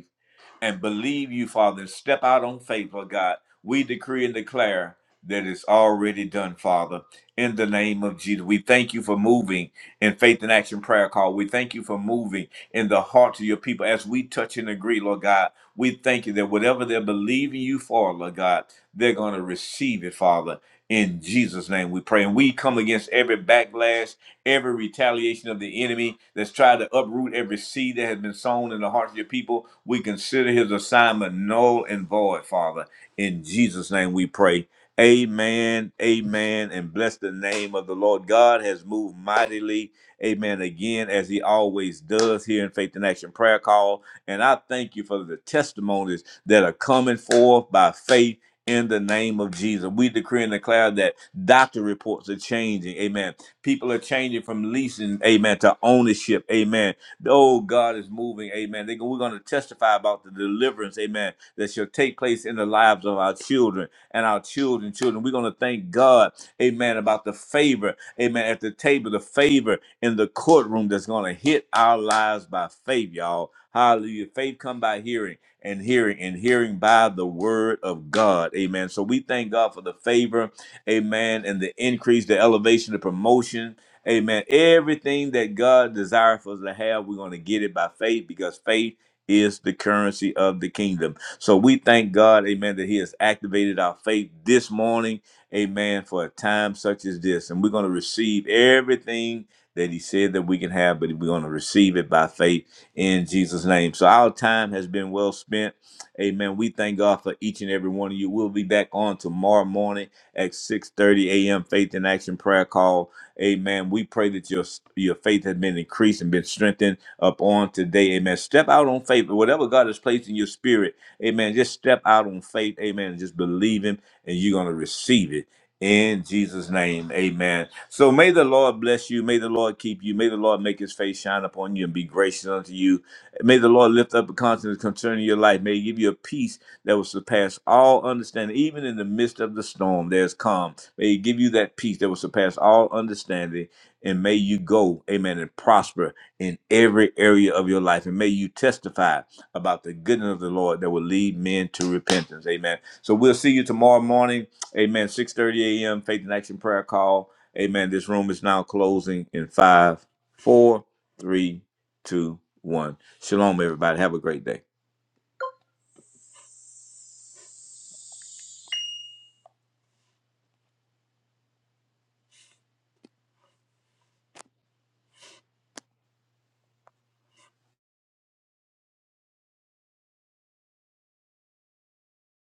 S8: and believe you, Father, and step out on faith, Lord God. We decree and declare that it's already done, Father. In the name of Jesus, we thank you for moving in faith and action prayer call. We thank you for moving in the hearts of your people as we touch and agree, Lord God. We thank you that whatever they're believing you for, Lord God, they're going to receive it, Father. In Jesus' name we pray. And we come against every backlash every retaliation of the enemy that's tried to uproot every seed that has been sown in the hearts of your people. We consider his assignment null and void, Father. In Jesus' name we pray. Amen, amen, and bless the name of the Lord. God has moved mightily, amen, again, as he always does here in Faith and Action Prayer Call. And I thank you for the testimonies that are coming forth by faith in the name of Jesus. We decree and declare that doctor reports are changing. Amen. People are changing from leasing, amen, to ownership, amen. Oh, God is moving, amen. They, we're going to testify about the deliverance, amen, that shall take place in the lives of our children and our children, children. We're going to thank God, amen, about the favor, amen, at the table, the favor in the courtroom that's going to hit our lives by faith, y'all. Hallelujah. Faith come by hearing and hearing and hearing by the word of God. Amen. So we thank God for the favor amen, and the increase, the elevation, the promotion, amen. Everything that God desires for us to have, we're going to get it by faith because faith is the currency of the kingdom. So we thank God, amen, that He has activated our faith this morning, amen, for a time such as this. And we're going to receive everything that He said that we can have, but we're going to receive it by faith in Jesus' name. So our time has been well spent. Amen. We thank God for each and every one of you. We'll be back on tomorrow morning at 6:30 a.m. Faith in Action prayer call. Amen. We pray that your your faith has been increased and been strengthened up on today. Amen. Step out on faith. Whatever God has placed in your spirit, amen. Just step out on faith. Amen. And just believe him and you're going to receive it. In Jesus' name, amen. So may the Lord bless you. May the Lord keep you. May the Lord make his face shine upon you and be gracious unto you. May the Lord lift up a countenance concerning your life. May he give you a peace that will surpass all understanding. Even in the midst of the storm, there's calm. May He give you that peace that will surpass all understanding. And may you go, amen, and prosper in every area of your life. And may you testify about the goodness of the Lord that will lead men to repentance. Amen. So we'll see you tomorrow morning. Amen. 6:30 a.m. Faith in Action Prayer Call. Amen. This room is now closing in five, four, three, two, one. Shalom, everybody. Have a great day.